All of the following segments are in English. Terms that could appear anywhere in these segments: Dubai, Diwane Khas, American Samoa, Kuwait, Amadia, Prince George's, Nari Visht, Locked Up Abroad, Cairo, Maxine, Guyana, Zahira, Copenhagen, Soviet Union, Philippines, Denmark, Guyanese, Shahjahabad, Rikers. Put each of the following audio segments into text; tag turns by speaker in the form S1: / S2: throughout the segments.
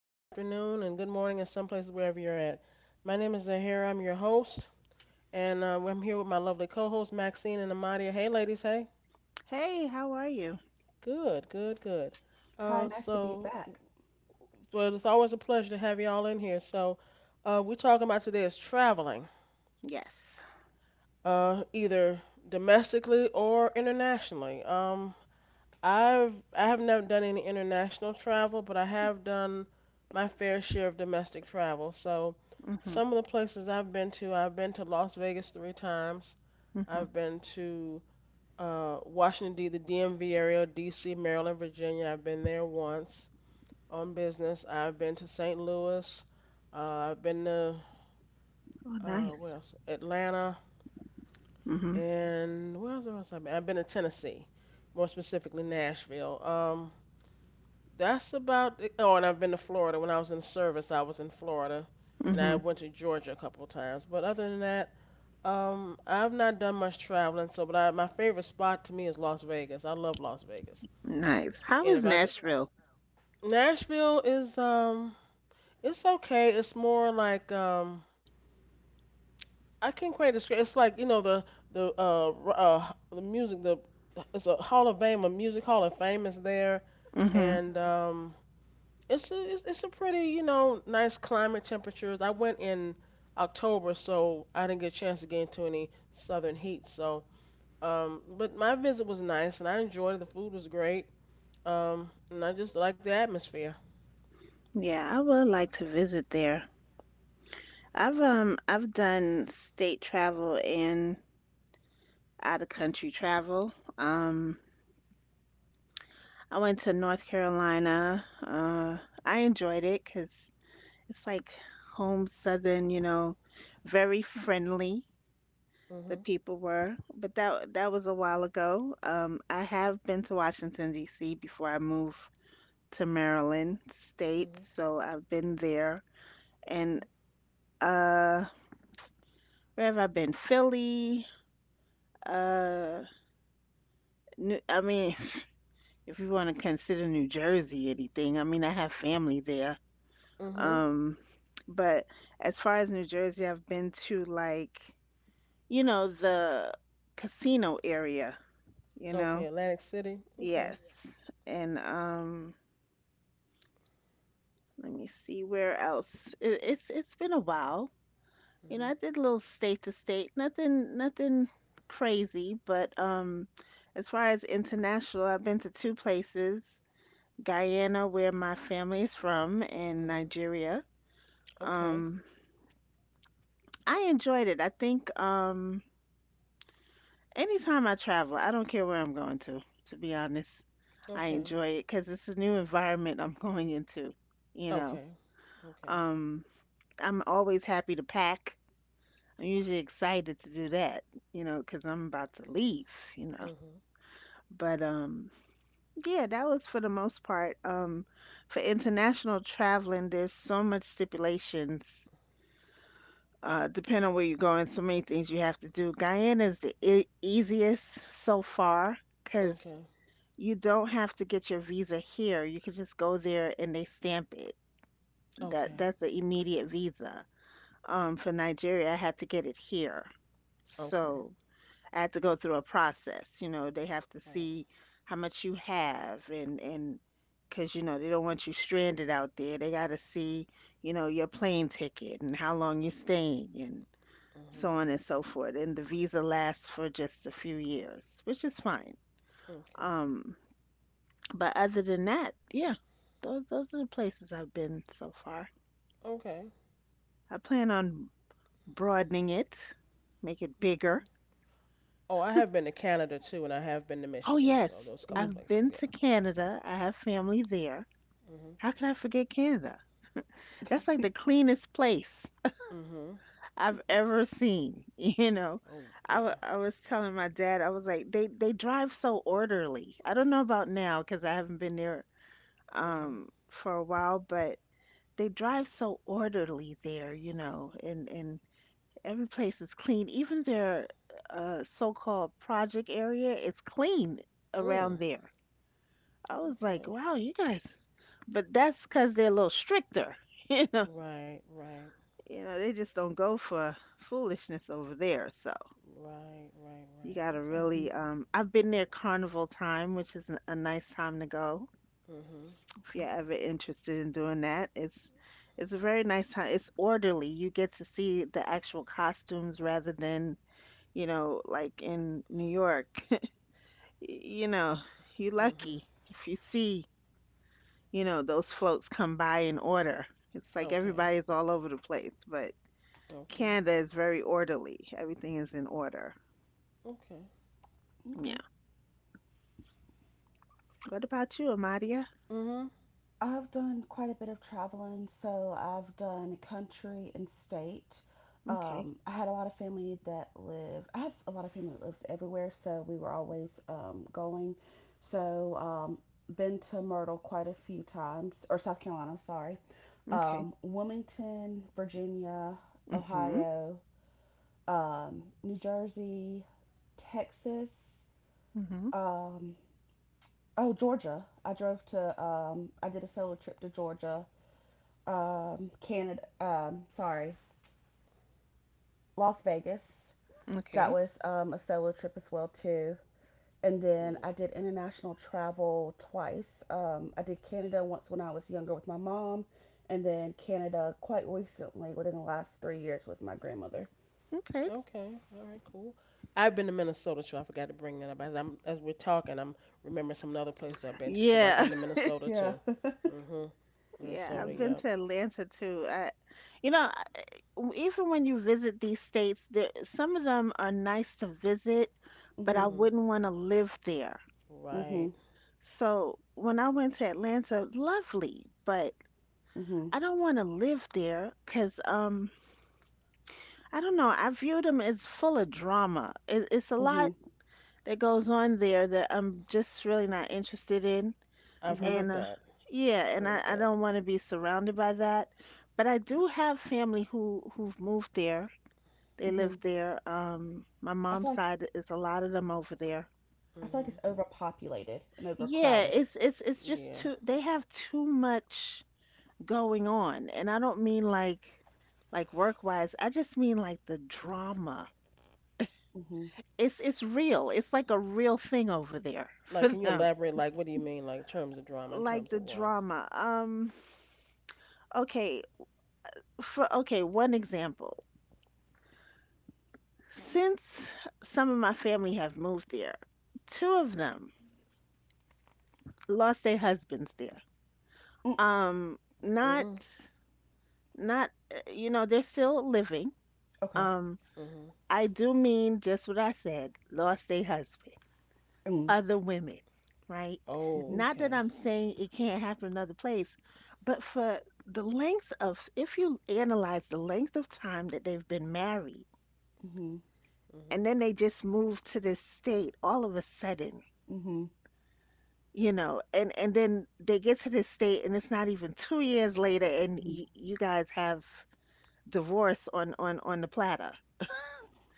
S1: good afternoon, and good morning in some places wherever you're at. My name is Zahira. I'm your host, and I'm here with my lovely co-host Maxine and Amadia. Hey, ladies. Hey.
S2: Hey, how are you?
S1: Good, good, good.
S3: Hi, nice to be
S1: So,
S3: back.
S1: well, it's always a pleasure to have you all in here. So, we're talking about today is traveling,
S2: Yes.
S1: either domestically or internationally. I have never done any international travel, but I have done my fair share of domestic travel. So
S2: Mhm.
S1: some of the places I've been to Las Vegas three times.
S2: Mhm.
S1: I've been to the DMV area, D.C., Maryland, Virginia. I've been there once on business. I've been to St. Louis. Uh, I've been to
S2: Oh, nice.
S1: where else? Atlanta
S2: Mhm.
S1: and where else? Where else I've been? I've been to Tennessee, more specifically Nashville. That's about it. Oh, and I've been to Florida. When I was in service, I was in Florida, and I
S2: Mhm.
S1: went to Georgia a couple of times. But other than that, I've not done much traveling. So, but my favorite spot to me is Las Vegas. I love Las Vegas.
S2: Nice. How
S1: And
S2: is
S1: if I could,
S2: Nashville?
S1: Nashville is it's okay. It's more like I can't quite describe. It's like you know the music the it's a Hall of Fame, a music Hall of Fame is there,
S2: Mhm.
S1: and. It's a pretty nice climate temperatures. I went in October, so I didn't get a chance to get into any southern heat. So but my visit was nice and I enjoyed it. The food was great. And I just like the atmosphere.
S2: Yeah, I would like to visit there. I've done state travel and out of country travel. I went to North Carolina. I enjoyed it because it's like home southern, you know, very friendly. The
S1: Mhm.
S2: people were, but that was a while ago. I have been to Washington D.C. before I moved to Maryland State,
S1: Mhm.
S2: so I've been there. And uh, where have I been? Philly. Uh, New, I mean, if you want to consider New Jersey anything, I mean, I have family there.
S1: Mhm. Mhm.
S2: Um, but as far as New Jersey, I've been to, like, you know, the casino area, you
S1: Okay,
S2: know.
S1: Atlantic City. Okay.
S2: Yes. And let me see where else. It's been a while. You know,
S1: Mhm.
S2: I did a little state to state. Nothing crazy, but as far as international, I've been to two places. Guyana, where my family is from, and
S1: Mhm.
S2: Nigeria.
S1: Okay.
S2: Um I enjoyed it. I think anytime I travel, I don't care where I'm going to be honest. I
S1: Okay.
S2: enjoy it because it's a new environment I'm going into, you know.
S1: Okay. Okay.
S2: Um I'm always happy to pack. I'm usually excited to do that, you know, because I'm about to leave, you know.
S1: Mhm.
S2: But yeah, that was for the most part. For international traveling, there's so much stipulations. Depending on where you're going, so many things you have to do. Guyana is the e easiest so far because
S1: Okay.
S2: you don't have to get your visa here. You could just go there and they stamp it. That
S1: Okay.
S2: that's an immediate visa. For Nigeria, I had to get it here.
S1: Okay.
S2: So I had to go through a process. You know, they have to
S1: Right.
S2: see how much you have, and because you know they don't want you stranded out there. They got to see, you know, your plane ticket and how long you're staying and so
S1: Mhm.
S2: on and so forth. And the visa lasts for just a few years, which is fine.
S1: Okay.
S2: Um, but other than that, yeah, those are the places I've been so far.
S1: Okay.
S2: I plan on broadening it, make it bigger.
S1: Okay. Oh, I have been to Canada too, and I have been to
S2: Oh,
S1: Michigan, so
S2: yes.
S1: those couple
S2: I've
S1: places,
S2: been
S1: yeah.
S2: to Canada. I have family there.
S1: Mhm.
S2: How could I forget Canada? That's like the cleanest place
S1: Mhm.
S2: I've ever seen, you know.
S1: Oh, yeah.
S2: I was telling my dad, I was like, they drive so orderly. I don't know about now because I haven't been there
S1: Mhm.
S2: for a while, but they drive so orderly there, you know, and every place is clean. Even their so-called project area is clean around
S1: Mm.
S2: there. I was like,
S1: Okay.
S2: wow, you guys, but that's because they're a little stricter. You know,
S1: Right, right,
S2: you know, they just don't go for foolishness over there. So
S1: right, right,
S2: you
S1: right.
S2: gotta
S1: Okay.
S3: Mm-hmm.
S2: really. I've been there carnival time, which is a nice time to go
S1: Mhm.
S2: if
S3: Okay,
S2: you're ever interested in doing that. It's a very nice time. It's orderly. You get to see the actual costumes rather than, you know, like in New York. You know, you
S1: Mhm.
S2: lucky if you see, you know, those floats come by in order. It's like
S1: Okay.
S2: everybody's all over the place, but
S1: Okay.
S2: Canada is very orderly. Everything is in order.
S1: Okay.
S3: okay.
S2: Yeah. What about you, Amadia?
S1: Mhm.
S3: I've done quite a bit of traveling, so I've done country and state.
S2: Okay.
S3: I had a lot of family that lived. I have a lot of family that lives everywhere, so we were always going. So, been to Myrtle quite a few times, or South Carolina, sorry.
S2: Okay.
S3: Wilmington, Virginia,
S2: Mm-hmm.
S3: Ohio, New Jersey, Texas.
S2: Mm-hmm.
S3: Um, oh, Georgia. I did a solo trip to Georgia, Canada, Las Vegas. That
S2: Okay.
S3: was a solo trip as well too. And
S1: Yeah.
S3: then I did international travel twice. I did Canada once when I was younger with my mom, and then Canada quite recently, within the last 3 years, with my grandmother.
S2: Okay.
S1: Okay. All right. Cool. I've been to Minnesota too. I forgot to bring that up. As we're talking, I'm remembering some other places I've been to too. But I've been
S2: Yeah.
S1: to Minnesota
S3: Yeah,
S1: too. Mhm.
S2: Yeah.
S3: yeah.
S1: Minnesota.
S2: I've been
S1: Yep.
S2: to Atlanta too. I, you know, even when you visit these states, there some of them are nice to visit, but I
S3: Mhm.
S1: Mhm.
S2: wouldn't want to live there.
S1: Right.
S3: Mhm.
S2: So when I went to Atlanta, lovely, but
S3: Mhm.
S2: I don't want to live there because I don't know. I view them as full of drama. It's a
S3: Mhm.
S2: lot that goes on there that I'm just really not interested in.
S1: I've
S3: Mhm.
S1: heard
S2: And
S1: that.
S2: yeah, and
S1: Heard
S2: I
S1: that.
S2: don't want to be surrounded by that. But I do have family who who've moved there. They live
S3: Mhm.
S2: there. My
S3: I feel
S2: mom's
S3: like
S2: side is a lot of them over there.
S3: I feel like it's
S1: Mhm.
S3: overpopulated and
S2: Yeah,
S3: overcrowded.
S2: it's just
S1: Yeah.
S2: too. They have too much going on, and I don't mean like work wise. I just mean like the drama,
S3: Mhm.
S2: it's real. It's like a real thing over there for
S1: Like, can you
S2: them.
S1: elaborate? Like, what do you mean? Like, in terms of drama, in
S2: Like
S1: terms
S2: the
S1: of what?
S2: drama. Okay, for okay, one example. Since some of my family have moved there, two of them lost their husbands there. Um,
S1: Mm.
S2: not you know, they're still living.
S3: Okay.
S2: Um
S1: Mhm.
S2: I do mean just what I said, lost their husband.
S3: Mm.
S2: Other women, right?
S3: Mhm.
S1: Oh,
S2: Not that
S1: okay.
S2: I'm saying it can't happen in other place, but for the length of, if you analyze the length of time that they've been married,
S3: Mhm.
S1: Mhm.
S2: and then they just move to this state all of a sudden,
S3: Mhm.
S2: you know, and then they get to this state, and it's not even 2 years later, and
S3: Mhm.
S2: y you guys have divorce on on the platter.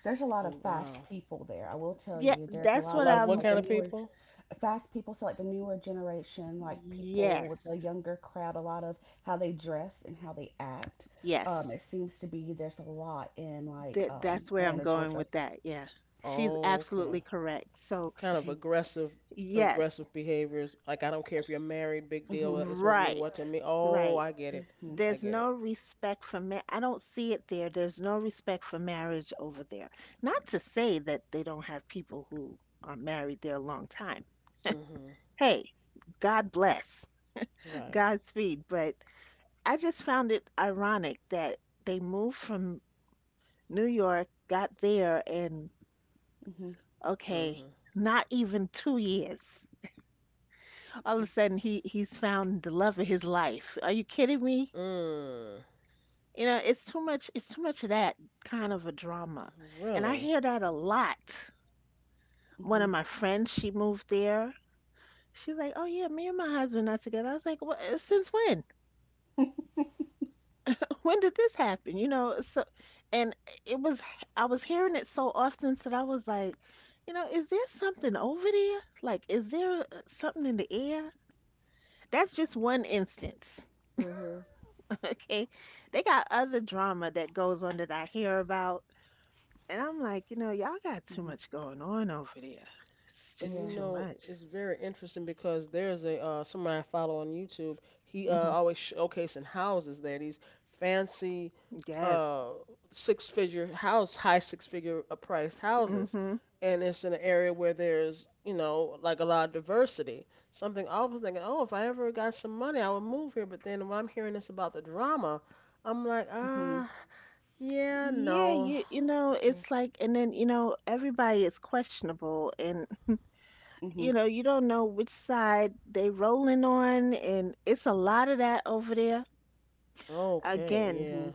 S3: There's a lot of
S1: Oh,
S3: fast
S1: wow.
S3: people there, I will tell
S2: Yeah,
S3: you. There's a
S2: that's
S1: A
S3: lot
S2: what
S1: lot
S3: of
S1: of what
S2: I'm.
S1: kind of people?
S3: fast people, so like the newer generation, like people with the
S2: Yes,
S3: younger crowd, a lot of how they dress and how they act.
S2: yes.
S3: It seems to be there's a lot in like
S2: That that's where I'm
S3: Atlanta,
S2: going
S3: Georgia.
S2: with that. Yeah. She's
S1: Oh, okay.
S2: absolutely correct. So,
S1: Kind of
S3: Mhm.
S1: aggressive,
S2: yes.
S1: aggressive behaviors. Like, I don't care if you're married. Big deal.
S3: Mhm.
S1: It's supposed to mean what to
S2: Right.
S1: me? Oh,
S2: Right.
S1: I get it.
S3: Mhm.
S1: I
S2: There's
S1: get it.
S2: no respect for I don't see it there. There's no respect for marriage over there. Not to say that they don't have people who are married there a long time.
S1: Mhm.
S2: Hey, God bless.
S1: Right.
S2: Godspeed, but I just found it ironic that they moved from New York, got there and
S3: Mhm.
S2: okay,
S1: Mhm.
S2: not even 2 years. All of a sudden he's found the love of his life. Are you kidding me?
S1: Mm.
S2: You know, it's too much, it's too much of that kind of a drama. And I
S1: Really.
S2: hear that a lot.
S3: Mhm.
S2: One of
S3: Mhm.
S2: my friends, she moved there. She's like, "Oh yeah, me and my husband not together." I was like, "What since when? When did this happen?" You know, so and it was, I was hearing it so often that I was like, "You know, is there something over there? Like, is there something in the air?" That's just one instance.
S1: Mhm.
S2: Okay. They got other drama that goes on that I hear about. And I'm like, you know, y'all got too
S3: Mhm.
S2: much going on over there. It's
S1: And you
S2: just
S3: Yeah.
S2: too
S1: know,
S2: much.
S1: it's very interesting because there's a somebody I follow on YouTube. He
S2: Hmm.
S1: always showcasing houses there, these fancy
S2: Yes.
S1: uh, high six-figure priced houses,
S2: Hmm.
S1: and it's in an area where there's like a lot of diversity. Something I was thinking, oh, if I ever got some money, I would move here. But then when I'm hearing this about the drama, I'm like,
S3: Mhm.
S1: yeah,
S2: Yeah,
S1: no,
S2: you know,
S3: Yeah.
S2: it's like and then, you know, everybody is questionable and
S3: Mhm.
S2: you know, you don't know which side they rolling on, and it's a lot of that over there.
S1: okay,
S2: Again,
S3: Mhm.
S1: yeah,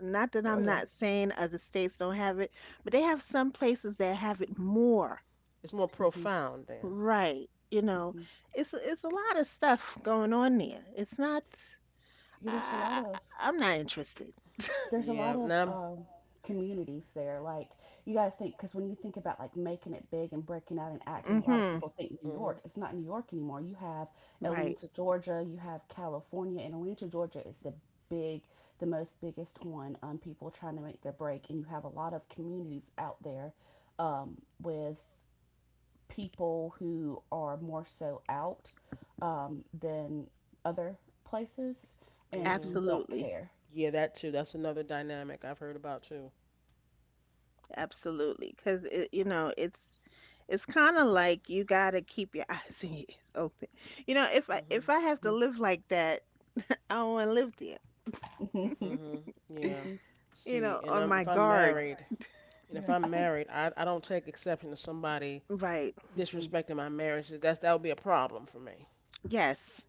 S2: not that
S3: Oh
S2: I'm
S3: yeah.
S2: not saying other states don't have it, but they have some places that have it more.
S1: it's more
S3: Mhm.
S1: profound then.
S2: Right. You know,
S3: Mhm.
S2: it's a lot of stuff going on there. It's not,
S3: Yeah, there's a lot of
S2: I'm not interested.
S3: there's a lot
S1: Yeah,
S3: of
S1: now.
S3: communities there. Like, you got to think, because when you think about like making it big and breaking out and acting, a lot of
S2: Mhm.
S3: people think New
S1: Mhm.
S3: York. It's not New York anymore. You have
S2: Right.
S3: Atlanta, Georgia. You have California, and Atlanta, Georgia is big, the most biggest one. People trying to make their break, and you have a lot of communities out there, with people who are more so out, than other places and
S1: Mhm.
S3: who don't
S2: Absolutely.
S3: care.
S1: Yeah, that too. That's another dynamic I've heard about too.
S2: Absolutely. Cause it, you know, it's kind of like you got to keep your eyes and ears open. You know,
S1: Mhm.
S2: if I have to live like that, I don't want to live there.
S1: Mhm. Yeah.
S3: Mhm.
S2: You
S1: See,
S2: know, on my
S1: if I'm
S2: guard.
S1: married,
S3: Yeah,
S1: I don't take exception to somebody
S2: Right.
S3: hmm
S1: disrespecting my marriage. That would be a problem for me.
S2: Yes.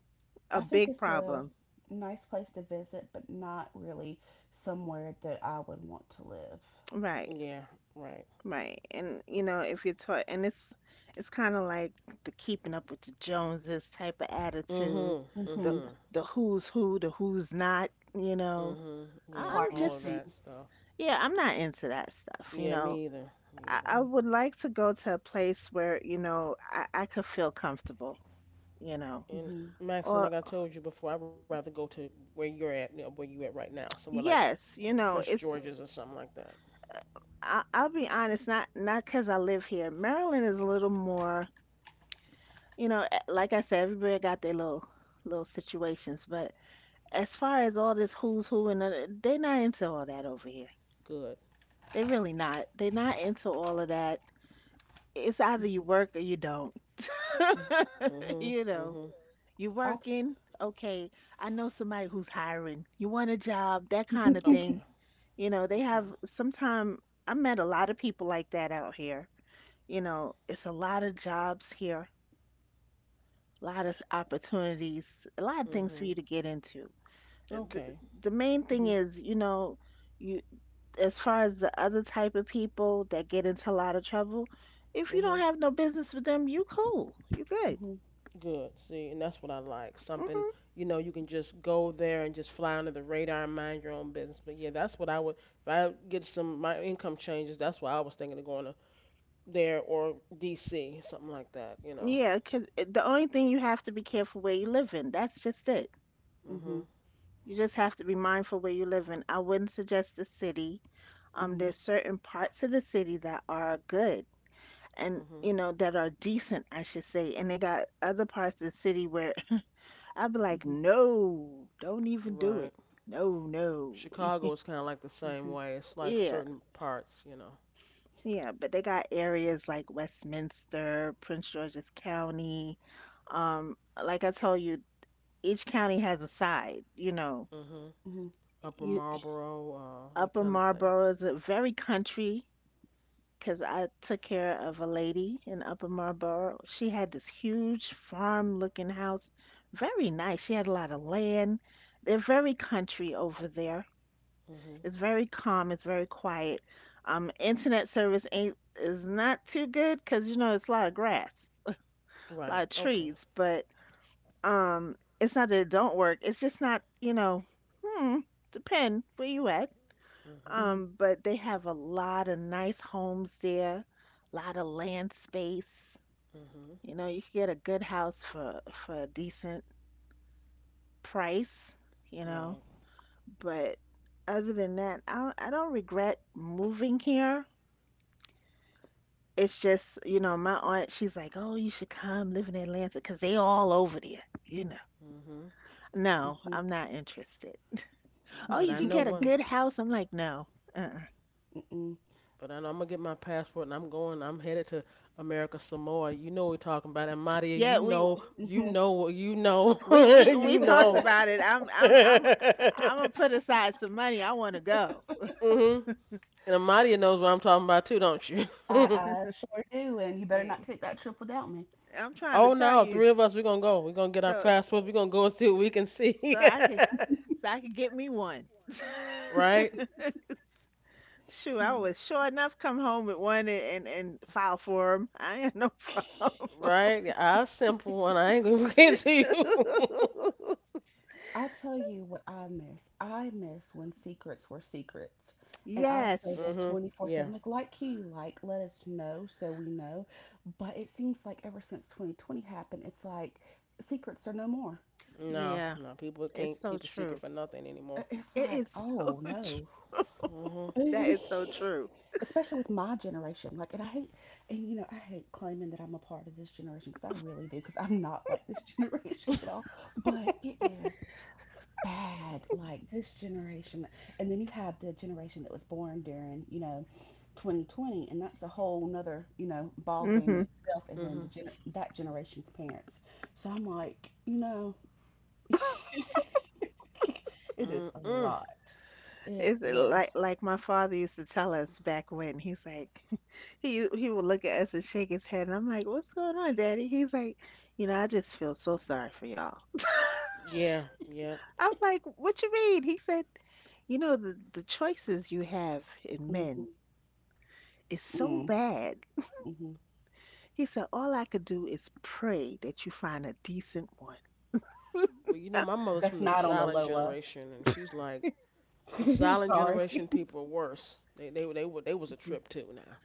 S2: A
S3: I think
S2: big
S3: it's a
S2: problem.
S3: nice place to visit, but not really somewhere that I would want to live.
S2: Right.
S1: Yeah. Right.
S2: Right. And you know, if you're taught and it's kind of like the keeping up with the Joneses type of attitude,
S1: Mhm.
S2: the
S3: Mm-hmm.
S1: Mhm.
S2: the who's who, the who's not, you know.
S1: Mhm.
S3: The
S1: Yeah.
S2: I'm
S3: party
S1: All
S3: and
S1: of
S2: just,
S3: sing.
S1: that stuff.
S2: yeah, I'm not into that stuff, you
S1: Yeah.
S2: know.
S1: Me either. Me either.
S2: I would like to go to a place where, you know, I could feel comfortable, you know.
S1: And
S3: Mm-hmm.
S1: Maxine,
S2: Or
S1: like I told you before, I'd rather go to where you're at, where you at right now, somewhere like
S2: yes, you
S1: Prince
S2: know, it's,
S1: George's or something like that.
S2: I, I'll be honest, not because I live here. Maryland is a little more, you know, eh, like I said, everybody got their little little situations, but as far as all this who's who and they're not into all that over here.
S1: Good.
S2: They're really not. They're not into all of that. It's either you
S3: Mm-hmm.
S2: work or you don't.
S3: Yeah.
S1: Mhm.
S2: You know,
S1: Mhm.
S2: you
S3: I'll t-
S2: working. Okay, I know somebody who's hiring. You want a job, that kind of
S3: mm-hmm.
S1: Okay.
S2: thing. You know, they
S1: Okay.
S2: have sometime I met a lot of people like that out here. You know, it's a lot of jobs here, a lot of opportunities, a lot of things for
S1: Mhm.
S2: you to get into. the,
S1: Okay.
S2: the main thing is, you know, you, as far as the other type of people that get into a lot of trouble, if you don't
S1: Mhm.
S2: have no business with them, you cool, you good.
S3: Mm-hmm.
S1: Good. See, and that's what I like. Something,
S2: Hmm.
S1: you know, you can just go there and just fly under the radar and mind your own business. But yeah, that's what I would if I get some my income changes, that's what I was thinking of going to there or D.C., something like that.
S2: Yeah, 'cause it- the only thing you have to be careful where you live in. That's just it.
S3: Mm-hmm.
S1: Mhm.
S2: You just have to be mindful where you live in. I wouldn't suggest the city.
S3: Mm-hmm.
S2: There's certain parts of the city that are good and
S1: Mhm.
S2: you know that are decent, I should say, and they got other parts of the city where I'd be like,
S3: Mm-hmm.
S2: no, don't even do
S1: Right.
S2: it. No, no.
S1: Chicago is kind of like the same
S3: Mm-hmm.
S1: way. It's like
S2: Yeah,
S1: certain parts.
S2: yeah. But they got areas like Westminster, Prince George's County. Um, like I told you, each county has a side, you know.
S1: Mhm.
S3: Mm-hmm.
S1: Upper
S2: You,
S1: Marlboro, that
S2: Upper
S1: kind of thing.
S2: Marlboro is a very country because I took care of a lady in Upper Marlboro. She had this huge farm-looking house, very nice. She had a lot of land. They're very country over there.
S1: Mhm.
S2: It's very calm. It's very quiet. Internet service ain't is not too good because you know it's a lot of grass, a lot
S1: Right.
S2: of
S1: Okay.
S2: trees. But it's not that it don't work. It's just not hmm, depend where you at.
S1: Mhm.
S3: Mm-hmm.
S2: But they have a lot of nice homes there, a lot of land space.
S1: Mhm.
S2: You know, you can get a good house for a decent price. You know,
S1: Right.
S2: but other than that, I don't regret moving here. It's just, you know, my aunt, she's like, oh, you should come live in Atlanta because they all over there, you know.
S1: Mhm.
S2: No,
S3: Mm-hmm.
S2: I'm not interested.
S1: But
S2: Oh,
S1: I
S2: you
S1: know
S2: could get a
S1: one.
S2: good house. I'm like, no. Uh-uh.
S3: Mm-hmm.
S1: But I know I'm gonna get my passport and I'm going. I'm headed to America Samoa. You know what we're talking about, and Madia, you
S2: Yeah, we
S1: know, you
S3: Mhm.
S1: know, you know,
S2: we we we
S1: you
S2: talked
S1: know.
S2: about it.
S1: mhm.
S2: I'm gonna put aside some money. I want to go.
S1: And Amadia knows what I'm talking about too, don't you?
S3: I, I sure do, and you better not
S2: Eh,
S3: take that trip without me.
S2: I'm trying to
S1: Oh
S2: tell
S1: no,
S2: you,
S1: three of us. We're gonna go. We're gonna get our
S2: so
S1: passports. We're gonna go and see what we can
S2: so
S1: see.
S2: I can so I can get me one.
S1: Right.
S2: Shoot,
S3: Yeah.
S2: I was sure enough come home with one and and file for 'em. I ain't no problem.
S1: Right. Yeah, I simple one. I ain't gonna get to you.
S3: I'll tell you what I miss. I miss when secrets were secrets. And I say this
S2: Yes.
S1: mhm. Yeah.
S3: 24/7, like you, like, let us know so we know. But it seems like ever since 2020 happened, it's like secrets are no more.
S1: No,
S2: Yeah.
S1: no, people
S2: It's
S1: can't
S2: so
S1: keep a secret
S2: true.
S1: for nothing anymore.
S3: It's
S2: It
S3: like,
S2: is so
S3: oh
S2: true.
S3: no.
S1: Mhm.
S2: That is so true.
S3: Especially with my generation. Like, and I hate, and you know, I hate claiming that I'm a part of this generation, because I really do, because I'm not like this generation at all. But it is bad like this generation. And then you have the generation that was born during 2020, and that's a whole nother ball game
S2: Hmm.
S3: in itself. And then
S1: mhm.
S3: that generation's parents. So I'm like, it is a
S1: Mm-mm.
S3: lot. It
S2: It's
S3: yeah.
S2: like my father used to tell us back when he's like he would look at us and shake his head and I'm like, "What's going on, Daddy?" He's like, you know, I just feel so sorry for y'all.
S1: Yeah, yep.
S2: I'm like, "What you mean?" He said, you know, the choices you have in men
S3: Hmm.
S2: is so
S3: mm
S2: bad.
S3: hmm
S2: He said, all I could do is pray that you find a decent one.
S1: Well, you know, my mother's from
S3: that's
S1: the
S3: not on the
S1: silent
S3: low,
S1: generation, and she's like, the silent
S3: sorry.
S1: generation people are worse. They was a
S3: Mhm,
S1: trip too now.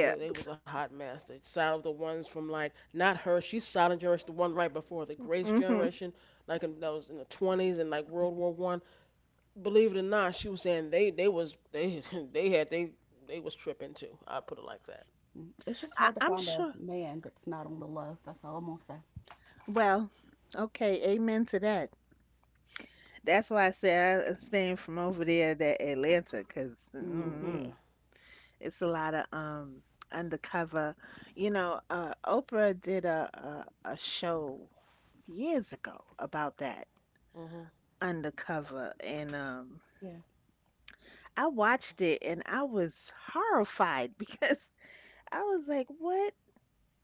S1: They they was a hot mess. They silent the ones from like not her. She's silent generation, the one right before the Grace
S2: Hmm.
S1: generation, that was in the 20s and like World War I. Believe it or not, she was saying they was they they had they was tripping too. I put it like that.
S3: mhm. It's just hard to
S2: I'm
S3: find a
S2: sure.
S3: man that's not on the low. That's all I'm gonna say.
S2: Well, okay, amen to that. That's why I say I abstain from over there that Atlanta because
S1: Mm.
S3: Hmm.
S2: mm,
S1: Yeah.
S2: it's a lot of undercover. You know, Oprah did a show years ago about that
S1: Mhm.
S2: undercover, and
S3: Yeah.
S2: I watched it and I was horrified because I was like, "What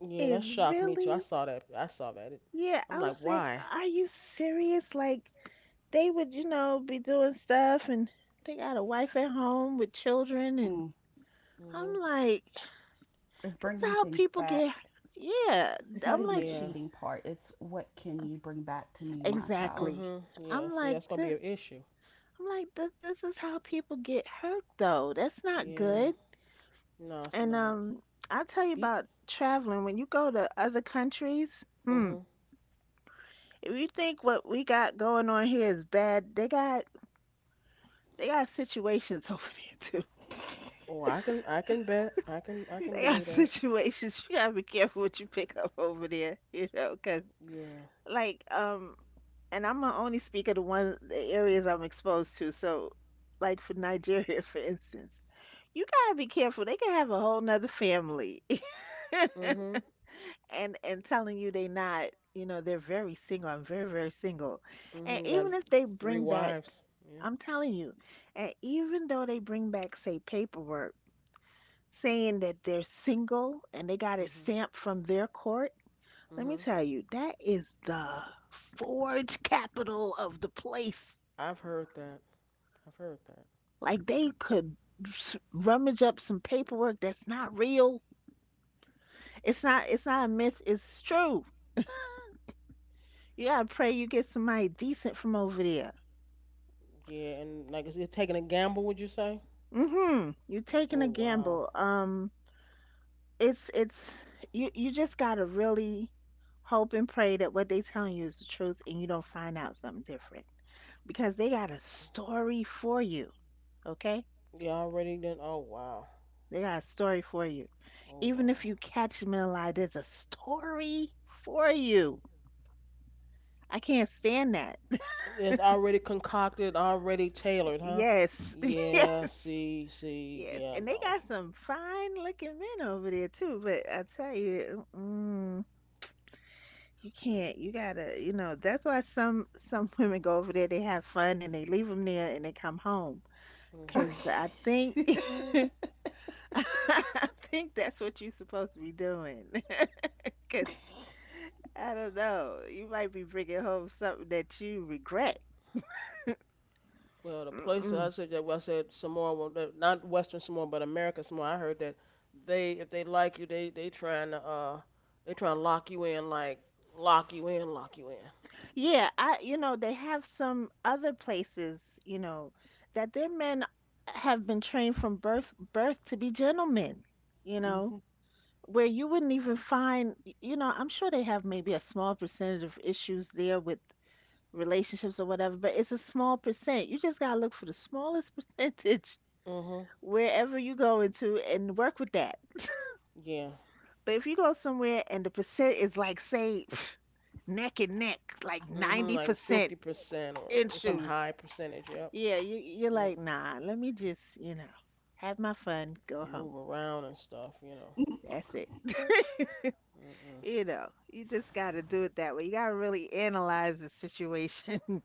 S1: Yeah, that
S2: is
S1: shocked me too. I
S2: really?"
S1: saw that. I saw that.
S2: Yeah, I
S1: I'm like,
S2: was like,
S1: why?
S2: "Are you serious?" Like they would, you know, be doing stuff and they got a wife at home with children and
S3: Mm-hmm.
S1: Mhm.
S2: I'm like,
S3: It's
S2: this is
S3: bringing
S2: how
S3: things
S2: people get
S3: back.
S2: yeah.
S3: It's not
S2: I'm
S3: even the
S2: like
S1: Yeah.
S3: cheating part. It's what can you bring back to me and my child.
S2: exactly.
S1: Mhm. Yeah.
S2: I'm
S1: See,
S2: like
S1: that's gonna be
S2: this
S1: an issue.
S2: I'm like this is how people get hurt though. That's not
S1: Yeah.
S3: Mhm.
S2: good.
S1: No, it's
S2: And
S1: not.
S2: I'll tell you
S1: Be.
S2: about traveling when you go to other countries. Hmm.
S1: Mhm.
S2: If you think what we got going on here is bad, they got situations over there.
S1: Oh, I can. I can bet. I can. I can
S2: They got
S1: believe that.
S2: situations you gotta be careful what you pick up over there, you know, cause
S1: Yeah.
S2: like and I'm gonna only speak of the areas I'm exposed to. So, like for Nigeria, for instance, you gotta be careful. They can have a whole nother family,
S1: Mhm.
S2: and telling you they not, you know, they're very single. I'm very single, and
S1: Mhm. Got
S2: even if they
S1: three
S2: bring back,
S1: wives. Yeah.
S2: I'm telling you, and even though they bring back say paperwork saying that they're single and they got it
S1: Mhm.
S2: stamped from their court. Let me
S1: Mhm.
S2: tell you, that is the forge capital of the place.
S1: I've heard that. I've heard that.
S2: Like they could rummage up some paperwork that's not real. It's not a myth, it's true. You gotta pray you get somebody decent from over there.
S1: Yeah, and like you're taking a gamble, would you say?
S2: Mm-hmm. You're taking
S1: Oh
S2: a
S1: wow.
S2: gamble. It's you just gotta really hope and pray that what they telling you is the truth and you don't find out something different, because they got a story for you, okay?
S1: Yeah, already then. Oh wow.
S2: They got a story for you.
S1: Oh
S2: Even if
S1: wow.
S2: you catch them in a lie, there's a story for you. I can't stand that.
S1: It's already concocted, already tailored, huh?
S2: Yes,
S1: Yeah.
S2: yes,
S1: See. See.
S2: yes.
S1: Yeah.
S2: And they
S1: No.
S2: got some fine looking men over there too. But I tell you, mm, you can't. You gotta. You know. That's why some women go over there. They have fun and they leave them there and they come home.
S1: Mhm.
S2: Cause I think I think that's what you're supposed to be doing. Because I don't know, you might be bringing home something that you regret.
S1: Well, the places I
S2: Mm-mm.
S1: said that well, I said Samoa, well, not Western Samoa, but American Samoa. I heard that they, if they like you, they trying to lock you in, like lock you in, lock you in.
S2: Yeah, you know, they have some other places, you know, that their men have been trained from birth to be gentlemen, you know,
S3: Mhm.
S2: where you wouldn't even find, you know, I'm sure they have maybe a small percentage of issues there with relationships or whatever, but it's a small percent. You just gotta look for the smallest percentage
S1: Mhm.
S2: wherever you go into and work with that.
S1: Yeah.
S2: But if you go somewhere and the percent is like, say, pff, neck and neck, like
S1: Mhm. Like
S2: 90%
S1: 50% or
S2: in
S1: some
S2: shoes,
S1: high percentage. Yep.
S2: yeah, you're
S1: Yep.
S2: like, nah, let me just, you know, have my fun, go
S1: And
S2: home.
S1: move around and stuff.
S3: Mhm.
S2: That's it.
S1: Mm-mm.
S2: You know, you just got to do it that way. You got to really analyze the situation.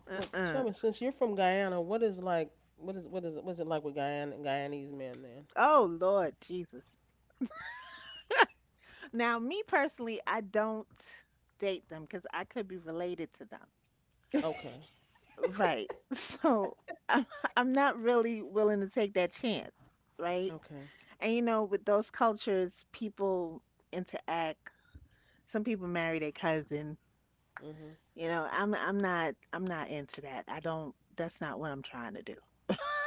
S1: Well, tell me,
S2: Uh-uh.
S1: since you're from Guyana, what is like, what's it like with Guyana Guyanese men then?
S2: Oh, Lord Jesus. Now, me personally, I don't date them because I could be related to them.
S1: Okay,
S2: Right. So I'm, I'm not really willing to take that chance, right?
S1: okay,
S2: And you know, with those cultures, people interact. Some people marry their cousin.
S1: mhm,
S2: You know, I'm not into that. I don't That's not what I'm trying to do.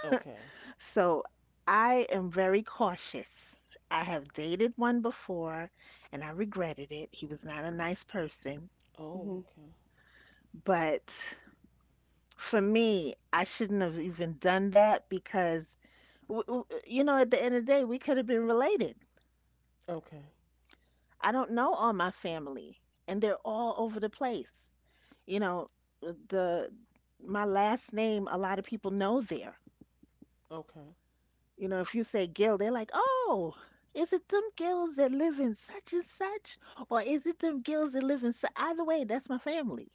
S1: okay,
S2: So I am very cautious. I have dated one before and I regretted it. He was not a nice person,
S1: oh, okay,
S2: but for me, I shouldn't have even done that because you know, at the end of the day, we could have been related.
S1: okay,
S2: I don't know all my family, and they're all over the place. You know, the my last name, a lot of people know there.
S1: okay.
S2: You know, if you say Gill, they're like, oh, is it them Gills that live in such and such, or is it them Gills that live in such? Either way, that's my family.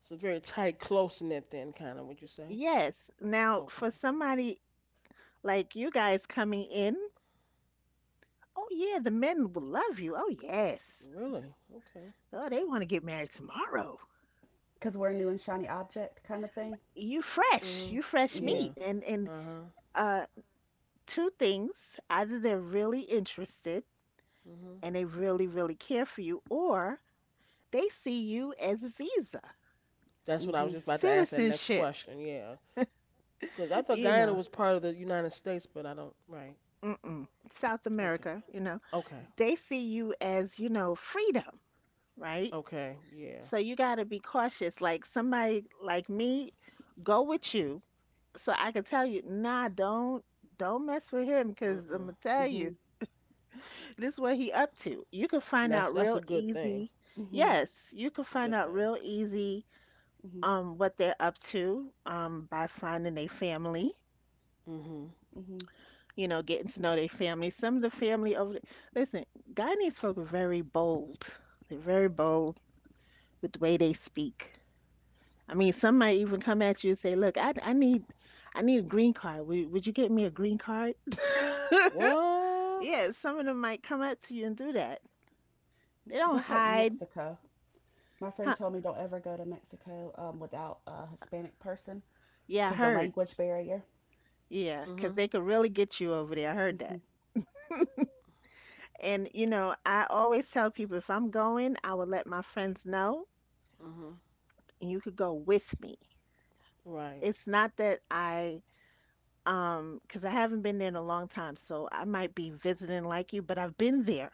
S1: It's a very tight, close knit then, kind of. Would you say?
S2: Yes. Now, for
S1: Okay,
S2: somebody like you guys coming in, oh yeah, the men will love you. Oh yes.
S1: really? Okay.
S2: Oh, they want to get married tomorrow.
S3: Because we're a new and shiny object kind of thing.
S2: You
S1: Mhm.
S2: you fresh
S3: Mhm.
S1: Yeah.
S2: meat. And
S1: Uh huh.
S2: uh two things, either they're really interested
S1: Mhm.
S2: and they really, really care for you, or they see you as a visa,
S1: That's what I was
S3: Mhm.
S1: just about to ask that next
S2: citizenship,
S1: question. Yeah, because I thought
S2: you
S1: Guyana
S2: know.
S1: was part of the United States, but I don't. Right.
S2: Mm-mm. South
S1: Okay.
S2: America, you know.
S1: Okay.
S2: They see you as, you know, freedom, right?
S1: Okay. Yeah.
S2: So you got to be cautious. Like somebody like me go with you so I can tell you, nah, don't mess with him because
S1: Mm-mm.
S2: I'm gonna tell you
S3: Mhm.
S2: this is what he up to. You could
S1: And
S2: find
S1: that's
S2: out
S1: that's a
S2: real
S1: good thing.
S2: easy.
S3: Mhm.
S2: Yes, you could
S1: That's a
S2: find
S1: good
S2: out
S1: thing.
S2: real easy
S3: Mhm.
S2: what they're up to by finding a family,
S1: Mhm.
S3: Mhm.
S2: you know, getting to know their family. Some of the family over listen, Guyanese folk are very bold. They're very bold with the way they speak. I mean, some might even come at you and say, "Look, I need a green card. Would you get me a green card?"
S1: What?
S2: Yeah, some of them might come up to you and do that. They don't
S3: That's like
S2: hide.
S3: Mexico. My friend
S2: Huh.
S3: told me don't ever go to Mexico without a Hispanic person,
S2: Yeah, I
S3: because the
S2: heard.
S3: language barrier.
S2: Yeah, 'cause
S1: Mhm.
S2: they could really get you over there. I heard that.
S3: Mhm.
S2: And you know, I always tell people if I'm going, I will let my friends know,
S1: Mhm.
S2: and you could go with me.
S1: Right.
S2: It's not that cause I haven't been there in a long time, so I might be visiting like you, but I've been there.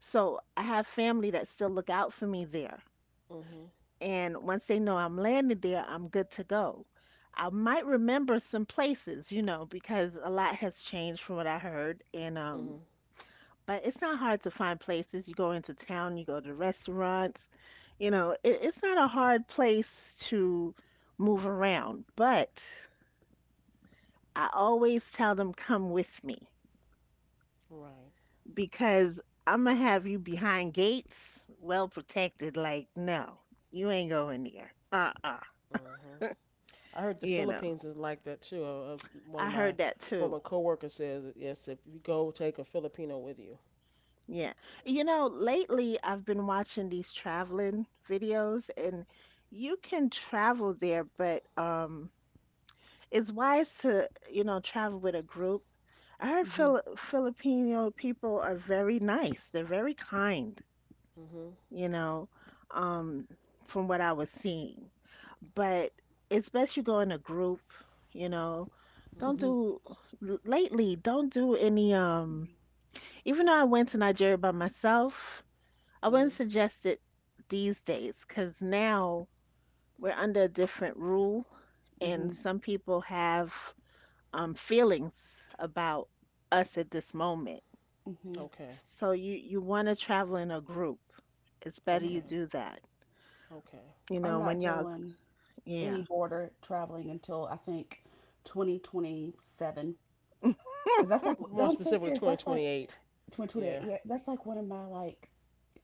S2: So I have family that still look out for me there.
S1: Mhm.
S2: And once they know I'm landed there, I'm good to go. I might remember some places, you know, because a lot has changed from what I heard. And
S1: Mhm.
S2: but it's not hard to find places. You go into town, you go to restaurants. You know, it's not a hard place to move around. But I always tell them, come with me
S1: Right.
S2: because I'm going to have you behind gates, well protected. Like, no, you ain't going there. Uh-uh.
S1: Mhm. I heard the
S2: You know,
S1: Philippines is like that too. One of
S2: I
S1: my
S2: heard that
S1: former
S2: too.
S1: coworkers says yes. If you go, take a Filipino with you.
S2: Yeah. You know, lately I've been watching these traveling videos and you can travel there, but, it's wise to, you know, travel with a group. I heard
S3: Mhm.
S2: Filipino people are very nice. They're very kind,
S1: Mhm.
S2: you know, um, from what I was seeing. But it's best you go in a group, you know. Don't
S1: Mhm.
S3: Mhm.
S2: do l- Lately, don't do any even though I went to Nigeria by myself, I
S1: Mhm.
S2: wouldn't suggest it these days 'cause now we're under a different rule and
S3: Mhm.
S2: some people have feelings about us at this moment.
S3: Mhm.
S1: Okay.
S2: So you want to travel in a group. It's better you
S3: Yeah.
S1: Okay.
S2: do that.
S1: Okay.
S2: You
S3: I'm
S2: know,
S3: not
S2: when y'all,
S3: doing
S2: yeah.
S3: any border traveling until I think 2027. Because that's like,
S1: More
S3: no, I'm so
S1: specifically,
S3: serious. That's like
S1: 2028.
S3: 2028.
S1: Yeah.
S3: Yeah, that's like one of my, like,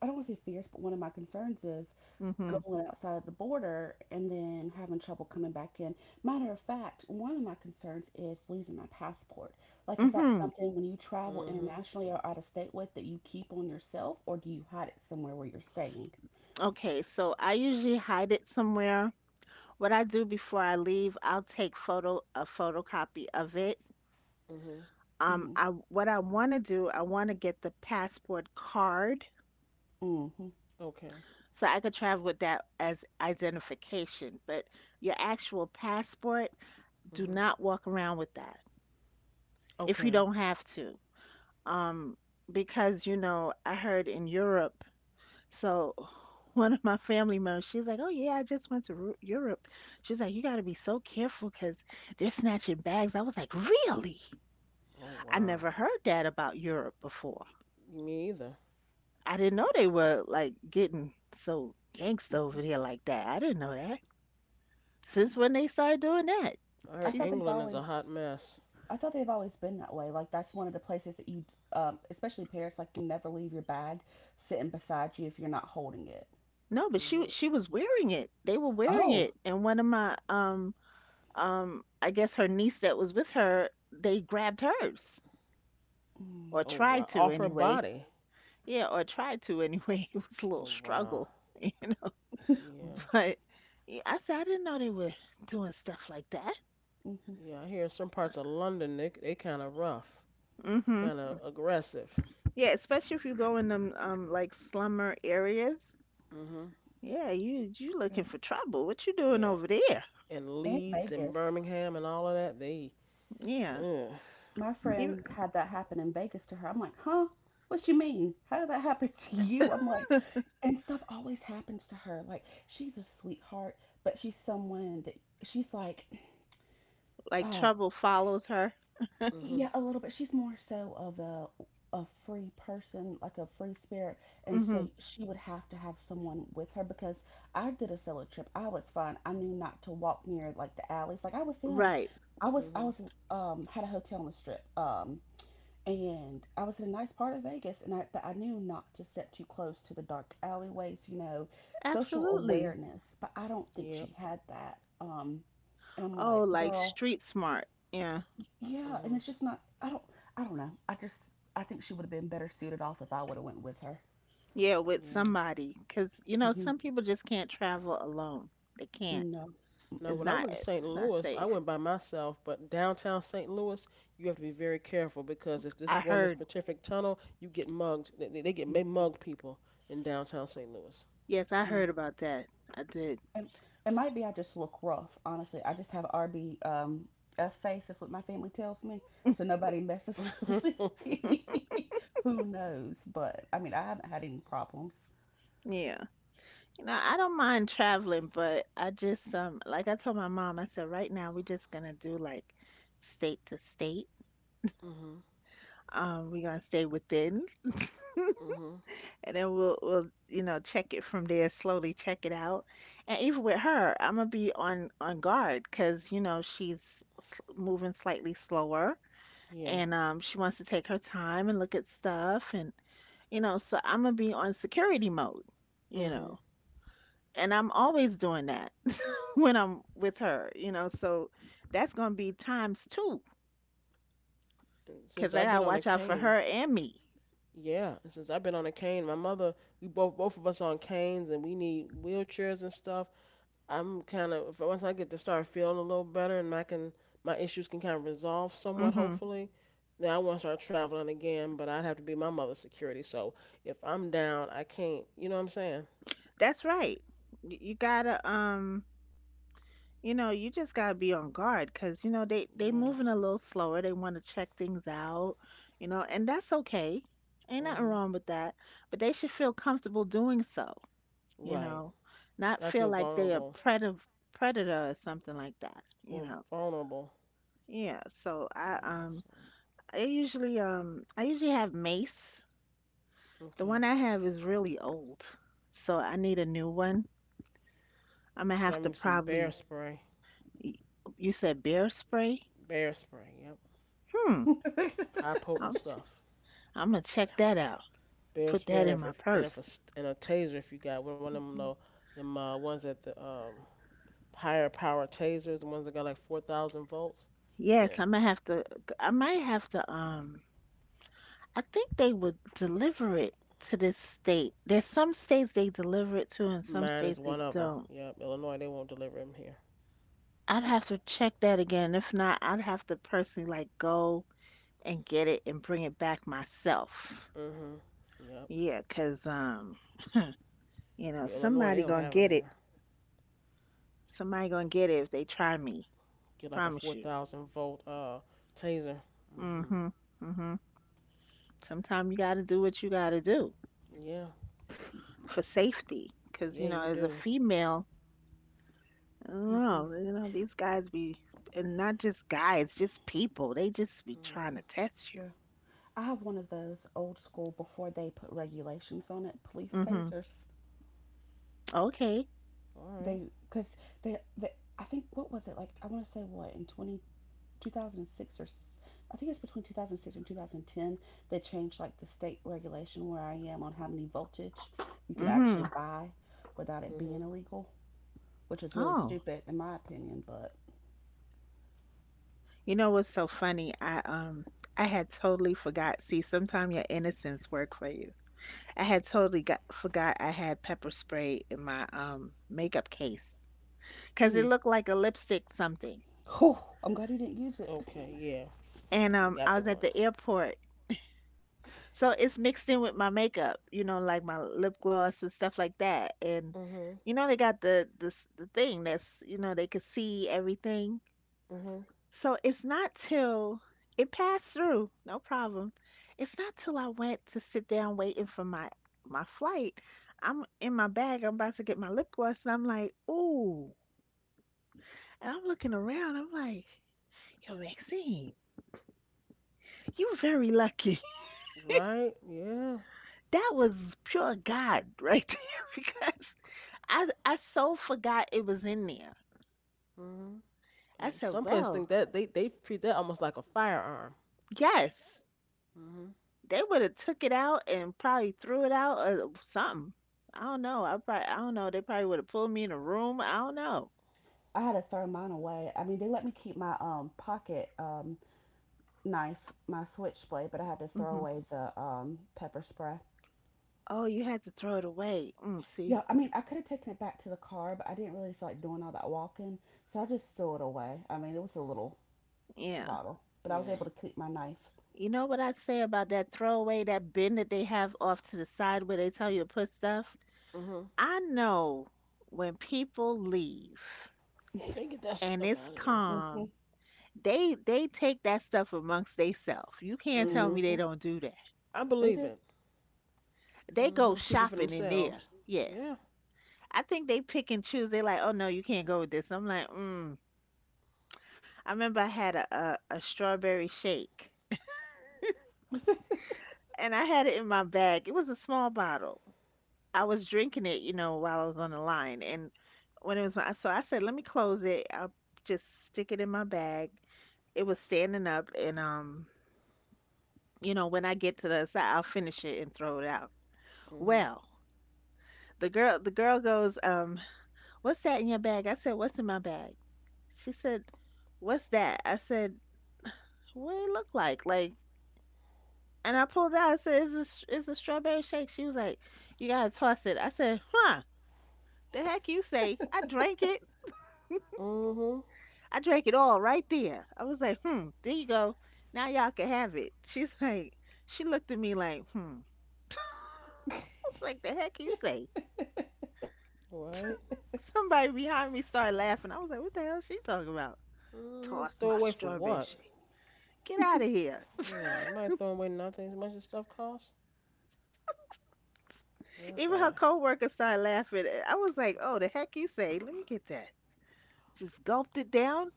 S3: I don't want to say fears, but one of my concerns is
S2: Mhm.
S3: going outside of the border and then having trouble coming back in. Matter of fact, one of my concerns is losing my passport. Like, is that
S2: Mhm.
S3: something when you travel
S1: Mhm.
S3: internationally or out of state with that you keep on yourself, or do you hide it somewhere where you're staying?
S2: Okay, so I usually hide it somewhere. What I do before I leave, I'll take photo a photocopy of it.
S1: Mhm.
S2: Um,
S3: Mm-hmm.
S2: I what I want to do, I want to get the passport card
S3: Mm-hmm.
S1: Okay.
S2: so I could travel with that as identification. But your actual passport, do
S1: Mhm.
S2: not walk around with that. If you
S1: Okay.
S2: don't have to. Um, because, you know, I heard in Europe, so one of my family members, she's like, "Oh, yeah, I just went to Europe." She's like, "You got to be so careful because they're snatching bags." I was like, "Really?
S1: Oh
S2: I
S1: wow.
S2: never heard that about Europe before.
S1: Me either.
S2: I didn't know they were like getting so gangsta
S3: Mm-hmm.
S2: over there like that. I didn't know that. Since when they started doing that?"
S1: I
S3: I
S1: heard
S3: thought
S2: She's
S3: they've
S1: England is a hot
S3: always.
S1: mess.
S3: I thought they've always been that way. Like, that's one of the places that you, especially parents, like, you never leave your bag sitting beside you if you're not holding it.
S2: No, but she
S1: Mhm.
S2: she was wearing it. They were wearing
S3: Oh,
S2: it, and one of my I guess her niece that was with her, they grabbed hers
S3: mm.
S2: or
S1: Oh
S2: tried
S1: wow.
S2: to
S1: Off her
S2: anyway.
S1: body.
S2: Yeah, or tried to anyway. It was a little
S1: Oh wow.
S2: struggle.
S1: Yeah.
S2: But yeah, I said I didn't know they were doing stuff like that.
S3: Hmm.
S1: Yeah. I hear some parts of London they kind of rough,
S2: Hmm.
S3: Yeah,
S1: kind of aggressive.
S2: Yeah, especially if you go in them like slummer areas.
S1: Mhm.
S2: Yeah, you
S3: yeah.
S2: looking for trouble. What you doing
S1: Yeah.
S2: over there?
S1: And
S3: And
S1: Leeds and
S3: Vegas.
S1: Birmingham and all of that they.
S2: Yeah.
S1: Ugh.
S3: My
S2: You
S3: friend had that happen in Vegas to her. I'm like, huh? What you mean? How did that happen to you? I'm like, and stuff always happens to her. Like, she's a sweetheart, but she's someone that she's like,
S2: like
S3: oh,
S2: trouble follows her.
S1: Mhm.
S3: yeah, a little bit. She's more so of a free person, like a free spirit, and
S2: Hmm.
S3: so she would have to have someone with her, because I did a solo trip. I was fine. I knew not to walk near like the alleys. Like, I was in,
S2: Right.
S3: I
S1: Mhm.
S3: was had a hotel on the strip, and I was in a nice part of Vegas. And I but I knew not to step too close to the dark alleyways. You know, social
S2: Absolutely.
S3: awareness. But
S1: Yep.
S3: I don't think she had that. And I'm
S2: Oh,
S3: like,
S2: like
S3: girl,
S2: street smart. Yeah.
S3: yeah,
S1: Mhm.
S3: and it's just not. I don't. I don't know. I just. I think she would have been better suited off if I would have went with her.
S2: Yeah, with
S1: Yeah.
S2: somebody, because you know
S3: Hmm.
S2: some people just can't travel alone. They can't.
S3: No.
S1: Now,
S2: It's
S1: when
S3: Mm-mm.
S1: I
S2: not.
S1: went to St.
S2: It's not
S1: Louis, I
S2: safe.
S1: went by myself, but downtown St. Louis, you have to be very careful because if this
S2: I
S1: going this
S2: heard.
S1: specific tunnel, you get mugged. They
S3: Mm-mm.
S1: mug people in downtown St. Louis.
S2: Yes, I
S3: Yeah.
S2: heard about that. I did.
S3: And it might be I just look rough. Honestly, I just have RB F face. That's what my family tells me. So nobody messes
S1: mhm,
S3: with me. Who knows? But I mean, I haven't had any problems.
S2: Yeah. You know, I don't mind traveling, but I just like I told my mom, I said right now we're just gonna do like state to state. We're gonna stay within.
S1: mhm,
S2: And then we'll you know check it from there, slowly check it out. And even with her, I'm gonna be on guard because you know moving slightly slower,
S1: yeah,
S2: and um, she wants to take her time and look at stuff, and you know, so I'm gonna be on security mode, you
S1: mhm.
S2: know. And I'm always doing that when I'm with her, you know, so that's gonna be times two
S1: And since
S2: because I
S1: I've
S2: gotta
S1: been on a
S2: watch out for
S1: cane,
S2: her and me.
S1: yeah, and since I've been on a cane, my mother, we both of us on canes, and we need wheelchairs and stuff. I'm kind of once I get to start feeling a little better and my issues can kind of resolve somewhat,
S2: Hmm.
S1: hopefully. Then I want to start traveling again, but I'd have to be my mother's security. So if I'm down, I can't. You know what I'm saying?
S2: That's right. You gotta um. You know, you just gotta be on guard because you know they
S1: Yeah.
S2: moving a little slower. They want to check things out, you know, and that's okay. Ain't nothing
S1: Mhm.
S2: wrong with that. But they should feel comfortable doing so, you
S1: Right.
S2: know, not
S1: I
S2: feel
S1: feel
S2: like they a
S1: vulnerable.
S2: predator or something like that, you
S1: Well,
S2: know.
S1: vulnerable.
S2: Yeah. So I
S1: Yeah.
S2: um,
S1: So
S2: I usually um, I usually have mace. The
S1: okay.
S2: one I have is really old, so I need a new one. I'm gonna have
S1: Try
S2: to
S1: me some bear
S2: probably.
S1: spray.
S2: You said bear spray?
S1: Bear spray. Yep.
S2: Hmm.
S1: High potent stuff.
S2: I'm gonna
S1: Yeah.
S2: check that out.
S1: Bear
S2: Put
S1: spray,
S2: that
S1: and
S2: in my
S1: if and if a,
S2: purse.
S1: s- and a taser if you got one of them
S3: Hmm.
S1: little them ones at the higher power tasers, the ones that got like 4,000 volts. Yeah,
S2: Yes, I'm gonna have to. I might have to. I think they would deliver it to this state. There's some states they deliver it to, and some
S1: mine is
S2: states they
S1: one of them.
S2: don't.
S1: Yep, Illinois, they won't deliver them here.
S2: I'd have to check that again. If not, I'd have to personally like go and get it and bring it back myself.
S1: Mhm. Yep.
S2: Yeah, 'cause you know,
S1: Yeah, Illinois, they
S2: somebody
S1: don't
S2: gonna
S1: have them
S2: get it.
S1: here.
S2: Somebody gonna get it if they try me.
S1: Get like a
S2: Promise you.
S1: 4,000 volt taser.
S2: Hmm.
S1: Mhm.
S2: Hmm. Sometimes you gotta do what you gotta do.
S1: Yeah.
S2: For safety, because you
S1: Yeah,
S2: know
S1: you
S2: as a
S1: do.
S2: female, I don't
S3: Hmm.
S2: know, you know these guys be, and not just guys, just people, they just be trying
S1: Mhm.
S2: to test you.
S3: Yeah. I have one of those old school, before they put regulations on it, police
S2: Mhm.
S3: tasers.
S2: Okay.
S1: All right.
S3: They because they I think, what was it like, I want to say what in 20 2006, or I think it's between 2006 and 2010 they changed like the state regulation where I am on how many voltage you can actually
S2: Mhm.
S3: buy without it being
S1: Mhm.
S3: illegal, which is really
S2: Oh,
S3: stupid in my opinion, but
S2: you know what's so funny, I um, I had totally forgot, see sometimes your innocence work for you. I had totally got forgot I had pepper spray in my makeup case because it
S3: mm,
S2: looked like a lipstick something.
S3: whew, I'm glad you didn't use it.
S1: Okay. Yeah,
S2: And
S1: they
S2: um,
S1: got
S2: I
S1: the
S2: was at the
S1: ones.
S2: airport. So it's mixed in with my makeup, you know, like my lip gloss and stuff like that. And
S1: Mhm.
S2: you know they got the thing that's, you know, they could see everything.
S1: Mhm.
S2: So it's not till it passed through, no problem. It's not till I went to sit down waiting for my flight. I'm in my bag, I'm about to get my lip gloss, and I'm like, ooh. And I'm looking around, I'm like, yo, Maxine, you very lucky.
S1: Right. Yeah.
S2: That was pure God right there because I so forgot it was in there.
S1: Mhm.
S2: I
S1: And
S2: said,
S1: some places
S2: well,
S1: think that they treat that almost like a firearm.
S2: yes,
S1: Mhm.
S2: they would have took it out and probably threw it out or something. I don't know. I don't know. They probably would have pulled me in a room. I don't know.
S3: I had to throw mine away. I mean, they let me keep my pocket, knife, my switchblade, but I had to throw
S2: Hmm.
S3: away the pepper spray.
S2: Oh, you had to throw it away. Mm,
S3: Yeah,
S2: see,
S3: I mean, I could have taken it back to the car, but I didn't really feel like doing all that walking, so I just threw it away. I mean, it was a little
S2: yeah.
S3: bottle, but I was
S1: Yeah.
S3: able to keep my knife.
S2: You know what I say about that throwaway, that bin that they have off to the side where they tell you to put stuff?
S1: Mhm.
S2: I know when people leave
S1: They get that stuff
S2: and
S1: out
S2: it's
S1: of there.
S3: Hmm.
S2: calm, they take that stuff amongst theyself. You can't tell me
S1: Mhm.
S2: they
S3: Hmm.
S2: don't do that.
S1: I
S3: They
S1: believe
S3: do.
S1: it.
S2: They
S1: Mhm.
S2: go
S1: Keep it for
S2: shopping in there.
S1: themselves. Yeah.
S2: Yes. I think they pick and choose. They're like, "Oh no, you can't go with this." I'm like, mm. I remember I had a strawberry shake and I had it in my bag. It was a small bottle. I was drinking it, you know, while I was on the line. And when it was my, so I said, let me close it. I'll just stick it in my bag. It was standing up, and you know, when I get to the side, I'll finish it and throw it out.
S1: Mhm.
S2: Well, the girl goes, "What's that in your bag?" I said, "What's in my bag?" She said, "What's that?" I said, "What did it look like? Like," and I pulled out. I said, "It's a, it's a strawberry shake." She was like, "You gotta toss it." I said, "Huh? The heck you say? I drank it."
S1: Mhm.
S2: I drank it all right there. I was like, hmm. There you go. Now y'all can have it. She's like, she looked at me like, hmm. I was like, the heck you say?
S1: Right.
S2: Somebody behind me started laughing. I was like, what the hell is she talking about?
S1: Mhm.
S2: Toss
S1: Throw
S2: my
S1: away for
S2: strawberry
S1: what?
S2: shake. Get out of here.
S1: No, it might throw away nothing. As much as stuff costs.
S2: Even her
S1: Goodbye.
S2: coworkers started laughing. I was like, oh, the heck you say? Let me get that. Just gulped it down.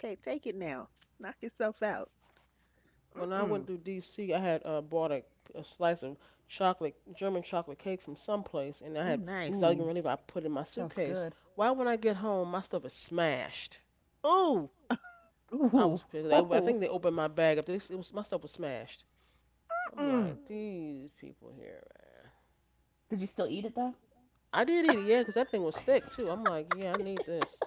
S2: Can't take it now. Knock yourself out.
S1: When I went
S2: Mm-mm.
S1: through D.C., I had bought a slice of chocolate, German chocolate cake from someplace, and I
S2: Oh,
S1: had, 'cause I
S2: nice.
S1: was
S3: Mm,
S1: gonna leave, I put it in my
S3: sounds
S1: suitcase.
S3: good.
S1: Why when I get home, my stuff is smashed.
S2: Oh,
S1: I
S3: Ooh,
S1: was pissed. I
S3: ooh.
S1: think they opened my bag up. This it was my stuff was smashed. I'm
S2: mm.
S1: like, these people here, man.
S3: Did you still eat it though?
S1: I did eat it, yeah, 'cause that thing was thick too. I'm like, yeah, I need this.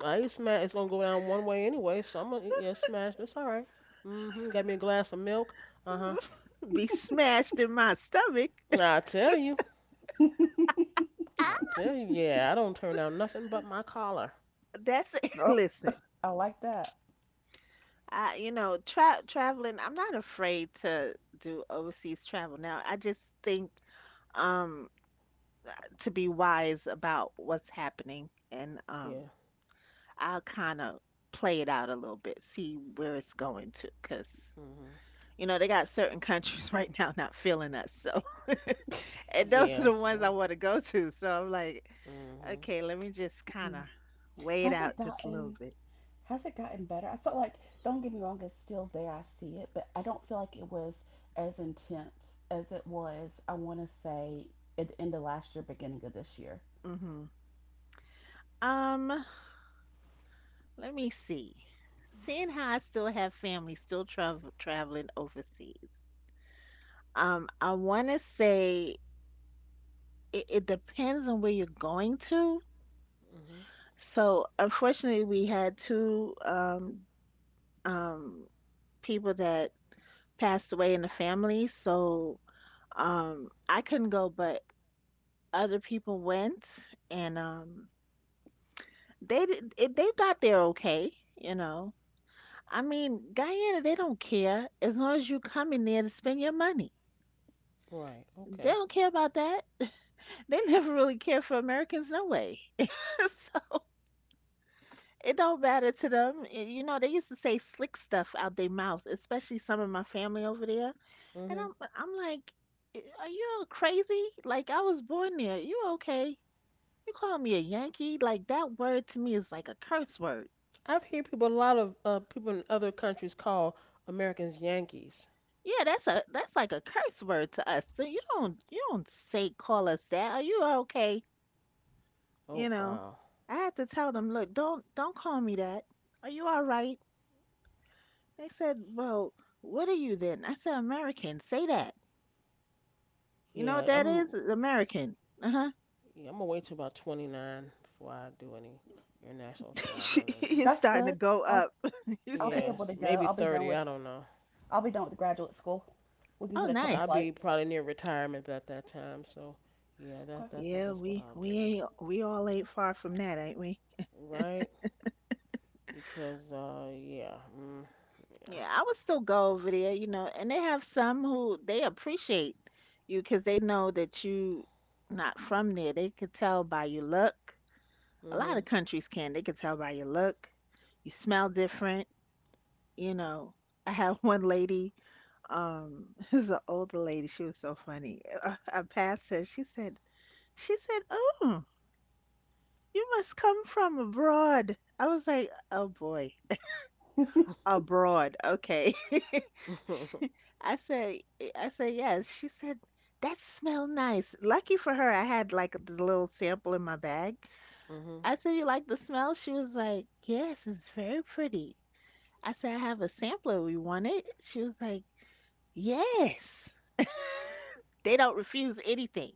S1: I eat smash. It's gonna go down one way anyway, so I'm gonna eat, yeah, smash. That's all right. Mm-hmm. Got me a glass of milk. Uh-huh.
S2: Be smashed in my stomach.
S1: I tell you, I tell you, yeah, I don't turn down nothing but my collar.
S2: That's it.
S3: Oh,
S2: Listen,
S3: I like that.
S2: I, you know, traveling, I'm not afraid to do overseas travel now. I just think um, to be wise about what's happening and um,
S1: Yeah.
S2: I'll kind of play it out a little bit, see where it's going to, because
S1: Mm-hmm.
S2: you know they got certain countries right now not feeling us, so and those are
S1: Yeah.
S2: the ones I
S1: So.
S2: want to go to. So I'm like,
S1: Mm-hmm.
S2: okay, let me just kind of
S3: Mhm.
S2: weigh it
S3: Has it
S2: out just a little
S3: gotten?
S2: bit.
S3: Has it gotten better? I felt like, don't get me wrong, it's still there. I see it, but I don't feel like it was as intense as it was, I want to say, at the end of last year, beginning of this year.
S2: Hmm. Um, let me see. Seeing how I still have family still traveling overseas, I want to say it, it depends on where you're going to.
S1: Mm-hmm.
S2: So unfortunately, we had two um, people that passed away in the family. So I couldn't go, but other people went, and they they got there okay. You know, I mean, Guyana, they don't care as long as you come in there to spend your money.
S1: Right.
S2: They
S1: Okay.
S2: don't care about that. They never really care for Americans, no way. So it don't matter to them. You know, they used to say slick stuff out their mouth, especially some of my family over there. And
S1: Mm-hmm.
S2: I'm like, "I- are you all crazy? Like I was born there. You okay? You call me a Yankee? Like that word to me is like a curse word.
S1: I've heard people, a lot of people in other countries call Americans Yankees.
S2: Yeah, that's a that's like a curse word to us. So you don't, you don't say call us that. Are you okay? You
S1: Oh
S2: know."
S1: wow.
S2: I had to tell them, look, don't call me that. Are you all right? They said, well, what are you then? I said, American. Say that. You know what
S1: Yeah,
S2: that
S1: I'm
S2: is? American. Uh huh.
S1: Yeah, I'm gonna wait till about 29 before I do any international traveling,
S2: He's
S3: That's
S2: starting to
S3: good.
S2: go up.
S3: I'll
S2: He
S1: and
S3: I'll be
S2: said,
S1: yeah,
S3: able to go.
S1: maybe 30. I don't know.
S3: I'll be done with graduate school. We can
S2: oh,
S3: hit a couple
S1: I'll
S2: nice.
S1: be
S3: flights.
S1: probably near retirement at that time, so yeah, that I think
S2: Yeah,
S1: that's what I'll
S2: we
S1: do,
S2: ain't we all ain't far from that, ain't we?
S1: right? Because yeah, mm,
S2: Yeah, I would still go over there, you know, and they have some who they appreciate you 'cause they know that you not from there. They could tell by your look. A lot
S1: yeah,
S2: of countries can. They could tell by your look. You smell different, you know. I have one lady, this is an older lady. She was so funny. I passed her. She said, "Oh, you must come from abroad." I was like, "Oh boy.
S3: Okay.
S2: Abroad, okay."
S1: mhm,
S2: She- I said, eh, I said yes. She said that smell nice. Lucky for her, I had like the little sample in my bag.
S1: mhm,
S2: I said, "You like the smell?" She was like, "Yes, it's very pretty." I said, "I have a sampler. You want it? She was like, yes. They don't refuse anything.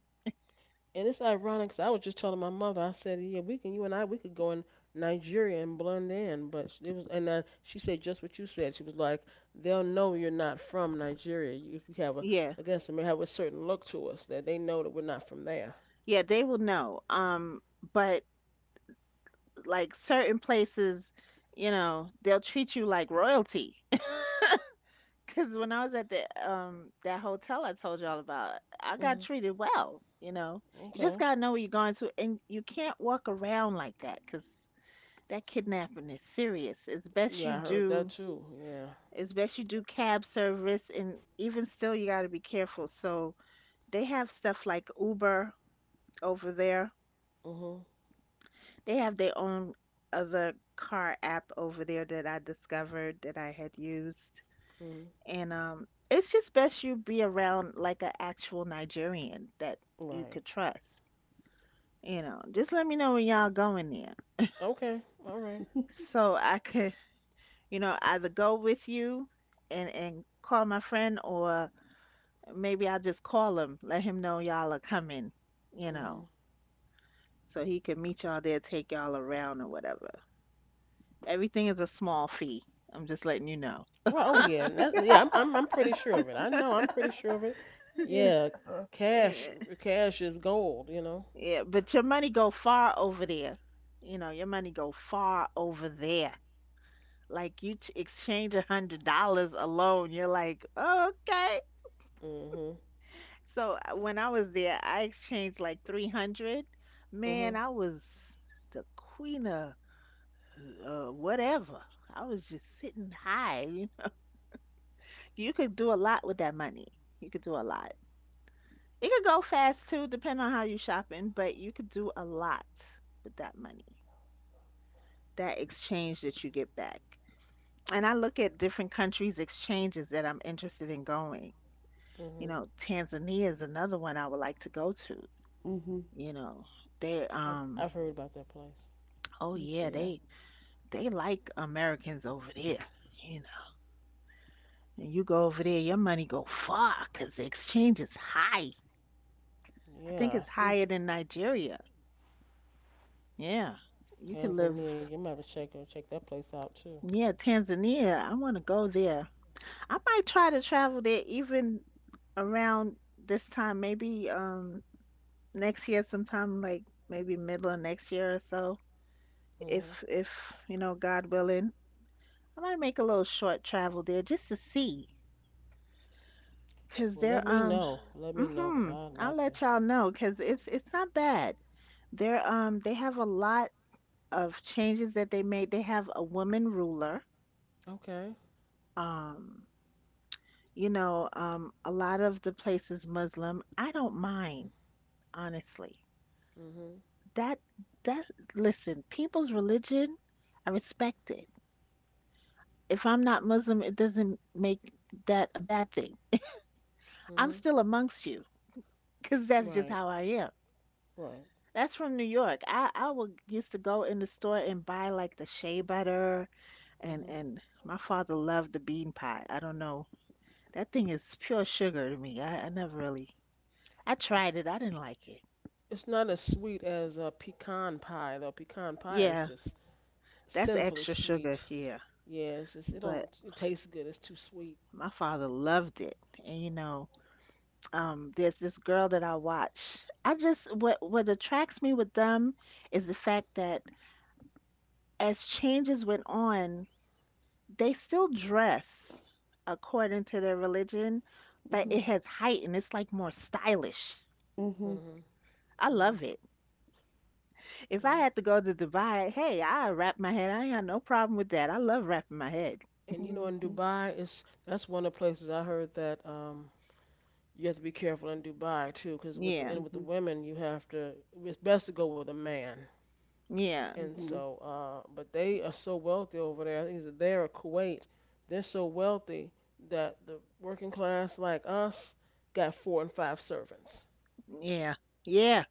S1: And it's ironic 'cause I was just telling my mother, I said, yeah, we can, you and I, we could go in Nigeria and blend in. But it was, and then she said just what you said. She was like, they'll know you're not from Nigeria. You, if we have a,
S2: Yeah,
S1: I guess it may have a certain look to us that they know that we're not from there.
S2: yeah, they will know. But like certain places, you know, they'll treat you like royalty. Because when I was at the that hotel I told y'all about, I got
S1: Hmm.
S2: treated well, you know. You just
S1: Okay.
S2: gotta know where you're going to, and you can't walk around like that because that kidnapping is serious.
S1: Yeah, I heard that too. Yeah.
S2: It's best you do cab service, and even still, you gotta be careful. So they have stuff like Uber over there.
S1: Mhm.
S2: They have their own other car app over there that I discovered that I had used.
S1: Mhm.
S2: And It's just best you be around like an actual Nigerian that you
S1: Right.
S2: could trust. You know, just let me know when y'all going there,
S1: Okay. All right.
S2: so I could, you know, either go with you and call my friend, or maybe I'll just call him, let him know y'all are coming. You
S1: Mhm.
S2: know, so he could meet y'all there, take y'all around or whatever. Everything is a small fee. I'm just letting you know.
S1: Right. Oh yeah. And that, yeah. I'm pretty sure of it. I know. I'm pretty sure of it.
S3: Yeah.
S1: Yeah. Cash.
S2: Yeah,
S1: Cash is gold. You know.
S2: yeah, but your money go far over there. You know, your money go far over there. Like you exchange $100 alone, you're like, oh, okay.
S1: Mhm.
S2: So when I was there I exchanged like 300. Man,
S1: Mhm.
S2: I was the queen of whatever. I was just sitting high, you know? You could do a lot with that money. You could do a lot. It could go fast too depending on how you shopping, but you could do a lot with that money, that exchange that you get back. And I look at different countries exchanges that I'm interested in going. You
S1: Mhm.
S2: know, Tanzania is another one I would like to go to.
S3: Mm-hmm.
S2: You know, they
S1: I've
S2: um
S1: I've heard about that place.
S2: oh
S3: Me too,
S2: yeah,
S3: yeah.
S2: they like Americans over there. You know, and you go over there, your money go far 'cause the exchange is high. I think
S1: Yeah, I
S2: it's
S1: see.
S2: higher than Nigeria. Yeah, you could live.
S1: Tanzania. You might have to check that place out too.
S2: Yeah, Tanzania. I want to go there. I might try to travel there even around this time, maybe next year sometime, like maybe middle of next year or so.
S1: Mhm.
S2: If you know, God willing, I might make a little short travel there just to see. Cause
S1: Well, let
S2: they're
S1: me know. Let me know, 'cause
S2: Mhm,
S1: I'd
S2: I'll
S1: like to.
S2: let y'all know, cause it's not bad. They have a lot of changes that they made. They have a woman ruler.
S1: Okay.
S2: Um you know, a lot of the places Muslim. I don't mind honestly.
S1: Mhm.
S2: That that Listen, people's religion, I respect it. If I'm not Muslim, it doesn't make that a bad thing. I'm
S1: Mhm.
S2: still amongst you because that's just
S1: Right.
S2: how I am.
S1: Right.
S2: That's from New York. I would used to go in the store and buy like the shea butter and
S1: Mhm.
S2: and my father loved the bean pie. I don't know. That thing is pure sugar to me. I never really I tried it. I didn't like it.
S1: It's not as sweet as pecan pie though. Pecan pie is
S2: Yeah,
S1: just
S2: that's
S1: sinfully
S2: extra sugar.
S1: sweet.
S2: Yeah.
S1: Yeah, it's just it don't
S2: But
S1: it tastes good. It's too sweet.
S2: my father loved it. And you know, there's this girl that I watch. I just what attracts me with them is the fact that as changes went on, they still dress according to their religion, but
S3: Mm-hmm.
S2: it
S1: Mhm.
S2: has heightened. It's like more stylish.
S3: Mm-hmm.
S1: Mhm.
S2: I
S1: Mhm.
S2: love it. If I
S1: Yeah.
S2: had to go to Dubai, hey, I wrap my head. I ain't got no problem with that. I love wrapping my head.
S1: And you know, in
S3: Mm-hmm.
S1: Dubai, it's that's one of the places I heard that you have to be careful in Dubai too, because with the
S2: Yeah,
S1: and with the women, you have to. It's best to go with a man.
S2: yeah,
S1: And
S3: Mm-hmm.
S1: so, but they are so wealthy over there. I think it's there or Kuwait. They're so wealthy that the working class like us got four and five servants.
S2: yeah, yeah,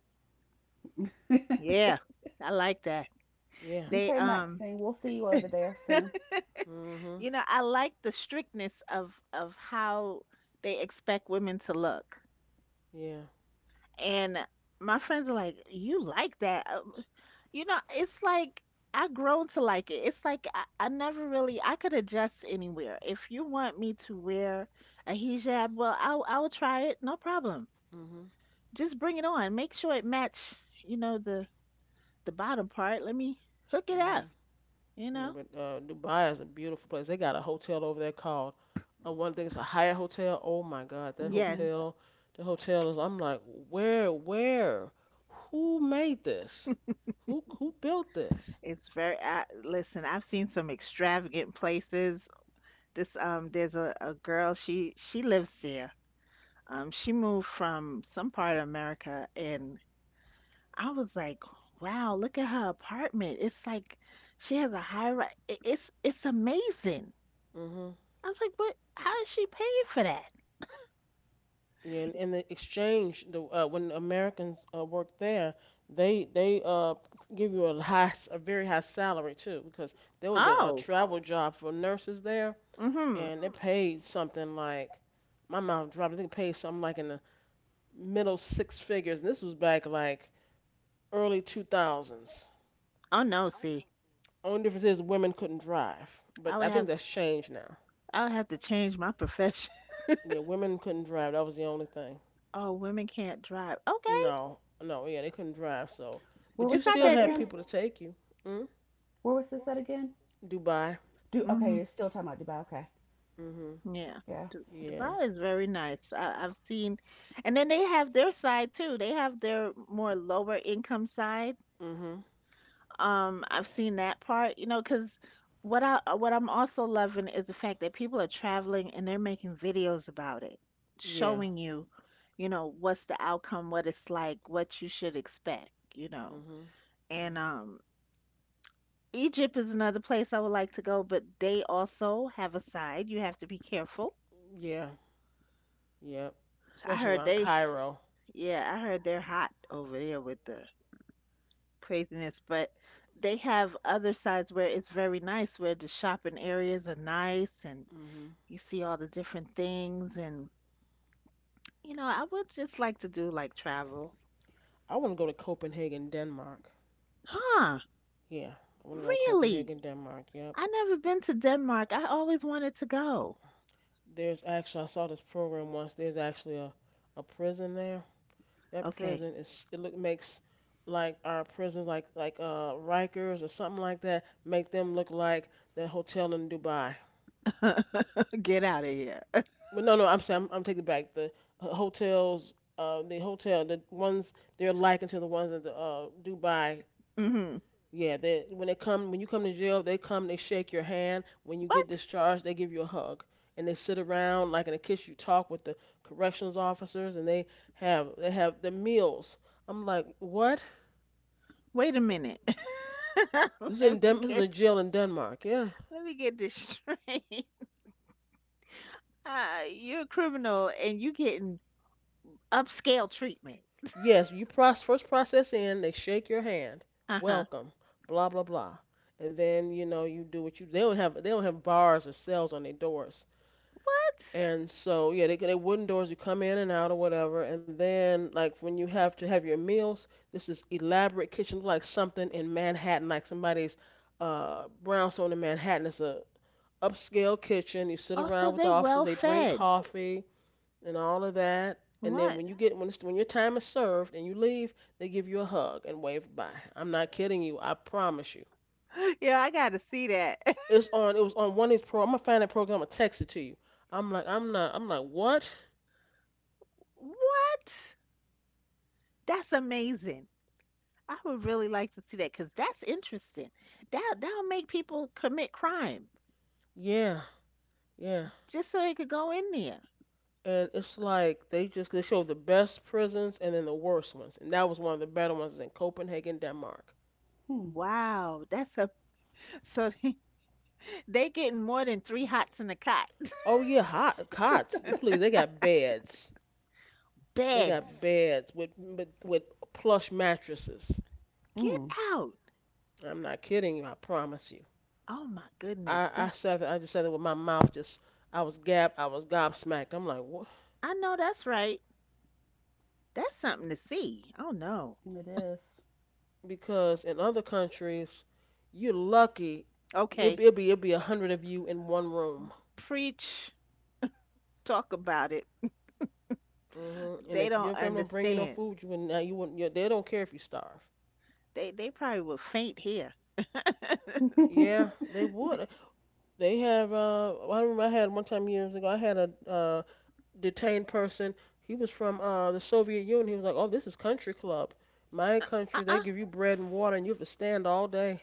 S3: Mm-hmm.
S2: yeah. I like that.
S1: Yeah.
S2: They
S3: Okay, Maxine, we'll see you over there soon.
S1: Mhm.
S2: you know, I like the strictness of how they expect women to look.
S1: Yeah.
S2: And my friends are like, "You like that?" You know, it's like I've grown to like it. It's like I never really I could adjust anywhere. If you want me to wear a hijab, well, I'll try it, no problem.
S1: Mhm.
S2: Just bring it on. Make sure it match, you know, the bottom part. Let me hook it up,
S1: Mhm.
S2: you
S1: Yeah,
S2: know.
S1: but Dubai is a beautiful place. They got a hotel over there called one thing. It's a Hyatt hotel. Oh my God, that
S3: Mm-hmm.
S2: Yes,
S1: hotel, the hotel is. I'm like, where, who made this? Who built this?
S2: it's very. I, listen, I've seen some extravagant places. This There's a girl. She lives there. She moved from some part of America, and I was like, wow, look at her apartment. It's like she has a high rise. It's amazing.
S1: Hmm.
S2: I was like, what? How is she paying for that?
S1: Yeah, and the exchange, the when Americans work there, they they give you a high, s- a very high salary too, because there was a
S2: Oh,
S1: travel job for nurses there,
S2: mm-hmm.
S1: and they paid something like, my mouth dropped. I think it paid something like in the middle six figures, and this was back like early 2000s.
S2: Oh no, see,
S1: Only difference is women couldn't drive, but
S2: I would
S1: I think
S2: have
S1: that's changed now.
S2: I would have to change my profession.
S1: Yeah, women couldn't drive. That was the only thing.
S2: Oh, women can't drive. Okay,
S1: No, no, yeah, they couldn't drive. So,
S3: Where
S1: but you
S3: was
S2: it's
S3: this
S2: not
S3: at
S1: still
S2: that
S1: had
S2: deep.
S3: again?
S1: people to take you. Mm?
S3: Where was this at again?
S1: Dubai.
S3: Do Okay,
S2: Mm-hmm.
S3: you're still talking about Dubai. Okay.
S1: Mhm.
S2: Yeah,
S3: Yeah.
S1: Yeah.
S2: Dubai is very nice. I, I've seen, and then they have their side too. They have their more lower income side.
S1: Mhm.
S2: I've seen that part, you know, because what I'm also loving is the fact that people are traveling and they're making videos about it,
S1: Yeah.
S2: showing you, you know, what's the outcome, what it's like, what you should expect, you know.
S1: Mhm.
S2: And
S1: Mhm.
S2: Egypt is another place I would like to go, but they also have a side. You have to be careful.
S1: Yeah. Yeah.
S2: I
S1: Especially
S2: heard
S1: around
S2: they,
S1: Cairo.
S2: yeah, I heard they're hot over there with the craziness, but they have other sides where it's very nice, where the shopping areas are nice and
S1: Mhm.
S2: you see all the different things, and you know, I would just like to do like travel.
S1: I want to go to Copenhagen, Denmark.
S2: Huh?
S1: Yeah, I want to go to
S2: Really?
S1: Copenhagen, Denmark. Yep.
S2: I never been to Denmark. I always wanted to go.
S1: There's actually I saw this program once. There's actually a prison there. That
S2: Okay,
S1: prison is it look makes like our prisons like Rikers or something like that make them look like the hotel in Dubai.
S2: get out of here.
S1: But no, no, I'm saying I'm taking it back the hotels. The hotel, the ones they're likened to the ones in the Dubai.
S2: Hmm.
S1: Yeah, they when they come when you come to jail, they come, they shake your hand. When you get
S2: What?
S1: discharged, they give you a hug. And they sit around like in a kiss you talk with the corrections officers and they have the meals. I'm like, "What?
S2: Wait a minute.
S1: This is in
S2: Let me
S1: Den- this is
S2: get
S1: a jail in Denmark." Yeah.
S2: Let me get this straight. You're a criminal and you getting upscale treatment.
S1: Yes, you process first process in, they shake your hand.
S2: Uh-huh.
S1: Welcome, blah blah blah. And then, you know, you do what you they don't have bars or cells on their doors.
S2: What?
S1: And so yeah, they wooden doors. You come in and out or whatever. And then like when you have to have your meals, this is elaborate kitchen like something in Manhattan, like somebody's brownstone in Manhattan. It's a upscale kitchen. You sit
S2: Also,
S1: around with the
S2: they're
S1: officers.
S2: well
S1: They drink
S2: fed.
S1: coffee and all of that. And then
S2: What?
S1: when you get when it's, when your time is served and you leave, they give you a hug and wave bye. I'm not kidding you. I promise you.
S2: Yeah, I gotta see that.
S1: It's on. It was on one of these pro. I'm gonna find that program. I'm gonna text it to you. I'm like I'm not. I'm like what?
S2: What? That's amazing. I would really like to see that because that's interesting. That'll make people commit crime
S1: Yeah. Yeah,
S2: just so they could go in there.
S1: and it's like they just they show the best prisons and then the worst ones, and that was one of the better ones is in Copenhagen, Denmark.
S3: Hmm.
S2: Wow, that's a so they getting more than three hots in a cot.
S1: Oh yeah, hot cots. Please, they got beds. They got
S2: Beds,
S1: beds with plush mattresses.
S2: get
S3: Mm.
S2: out!
S1: I'm not kidding you. I promise you.
S2: Oh my goodness,
S1: I
S2: that
S1: said that, I just said it with my mouth. Just I was gab I was gobsmacked. I'm like what?
S2: I know that's right. That's something to see. Oh no.
S3: It is.
S1: Because in other countries, you're lucky. It
S2: Okay,
S1: it'd be it'd be a hundred of you in one room.
S2: preach, talk about it.
S1: Hmm. And
S2: They
S1: if
S2: don't
S1: your family don't bring you no
S2: understand.
S1: food, you wouldn't. You wouldn't. You, they don't care if you starve.
S2: They probably will faint here.
S1: Yeah, they would. They have. I remember I had one time years ago. I had a detained person. He was from the Soviet Union. He was like, "Oh, this is country club. My country. They
S2: Uh-uh.
S1: give you bread and water, and you have to stand all day.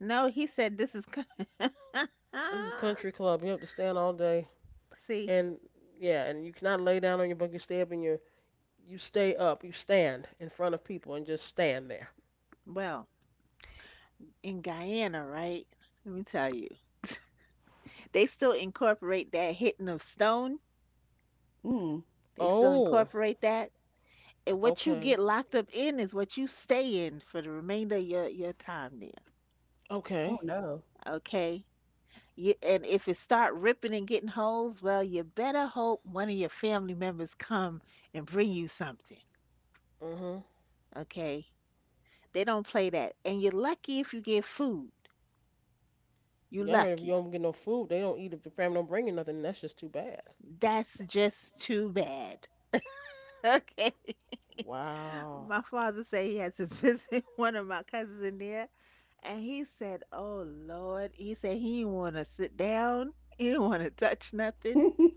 S2: No, he said this is.
S1: This is
S2: Ah,
S1: country club. You have to stand all day.
S2: see,
S1: And yeah, and you cannot lay down on your bunk. You stay up and you stay up. You stand in front of people and just stand there.
S2: well. In Guyana, right? Let me tell you, they still incorporate that hitting of stone.
S3: Mm.
S2: They still
S1: Oh,
S2: incorporate that, and what you
S1: okay,
S2: get locked up in is what you stay in for the remainder of your time there.
S3: Oh
S1: okay.
S3: no.
S2: Okay. You, and if it start ripping and getting holes, well, you better hope one of your family members come and bring you something.
S1: Mhm.
S2: Okay. They don't play that, and you're lucky if you get food. You
S1: Yeah, I heard if you
S2: lucky.
S1: don't get no food, they don't eat. If the family don't bring you nothing, that's just too bad.
S2: That's just too bad. Okay.
S1: Wow.
S2: My father said he had to visit one of my cousins in there, and he said, "Oh Lord," he said he didn't want to sit down, he didn't want to touch nothing.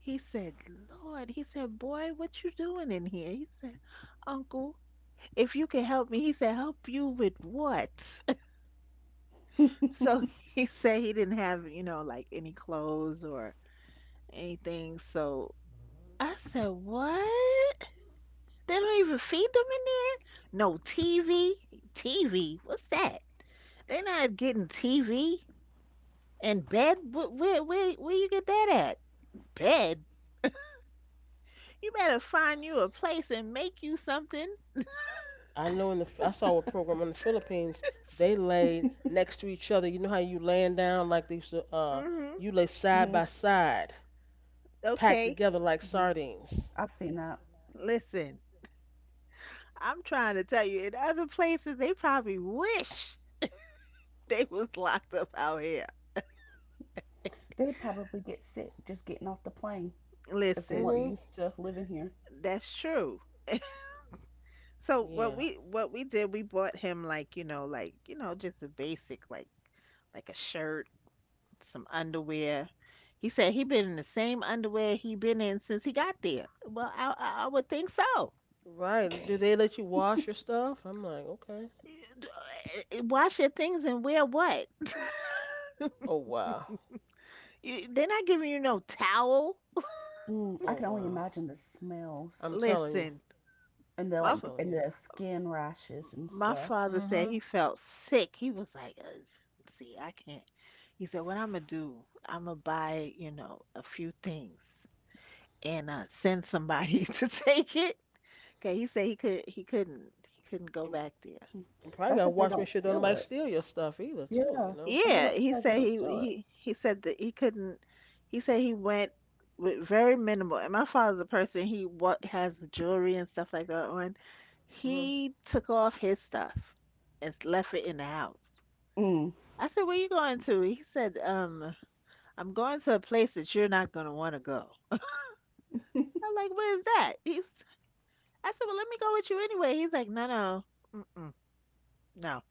S2: He said, "Lord," he said, "Boy, what you doing in here?" He said, "Uncle, if you can help me," he said, "Help you with what?" So
S3: Hmm.
S2: he said he didn't have, you know, like any clothes or anything. So I said, "What? They don't even feed them in there? No TV? TV? What's that?" They're not getting TV and bed. Where, where you get that at? Bed? You better find you a place and make you something.
S1: I know in the I saw a program in the Philippines. They laid next to each other. You know how you laying down like they used to,
S2: Mm-hmm.
S1: you lay side
S3: Hmm.
S1: by side, packed
S2: Okay.
S1: together like sardines.
S3: I've seen that.
S2: Listen, I'm trying to tell you, in other places, they probably wish they was locked up out here.
S3: They would probably get sick just getting off the plane if they
S2: Listen,
S3: weren't
S1: Mhm.
S3: used to living here.
S2: that's true. So
S1: Yeah.
S2: what we did, we bought him like, you know, just a basic like a shirt, some underwear. He said he been in the same underwear he been in since he got there. Well, I I would think so.
S1: Right. Do they let you wash your stuff? I'm like, okay.
S2: Eh, wash your things and wear what?
S1: Oh wow.
S2: You, they're not giving you no towel.
S3: Mm, I
S1: Oh
S3: can only
S1: wow.
S3: imagine the smells
S1: I'm telling you.
S2: Listen,
S3: and the,
S2: my
S3: like,
S2: f-
S1: Telling
S3: and
S1: you.
S3: the skin rashes and
S2: my
S3: stuff.
S2: father said
S1: Hmm.
S2: he felt sick. He was like, "Ugh, see, I can't." He said, "What I'm gonna do? I'm gonna buy, you know, a few things and send somebody to take it." Okay, he said he could he couldn't go
S1: And,
S2: back there.
S3: Mm.
S1: and probably
S3: That's
S1: gotta
S3: if they
S1: watch make
S3: don't
S1: sure don't
S3: steal
S1: nobody
S3: it.
S1: steal your stuff either too.
S3: Yeah,
S1: You know.
S3: I was
S2: Yeah,
S3: about to say if they don't steal it.
S2: he said that he couldn't. He said he went with very minimal. And my father's a person he what has jewelry and stuff like that on.
S1: Mhm.
S2: He took off his stuff and left it in the house.
S3: Mm.
S2: I said, "Where you going to?" He said, I'm going to a place that you're not gonna want to go." I'm like, "Where's that?" I said, "Well, let me go with you anyway." He's like, "No, no, mm-mm, no,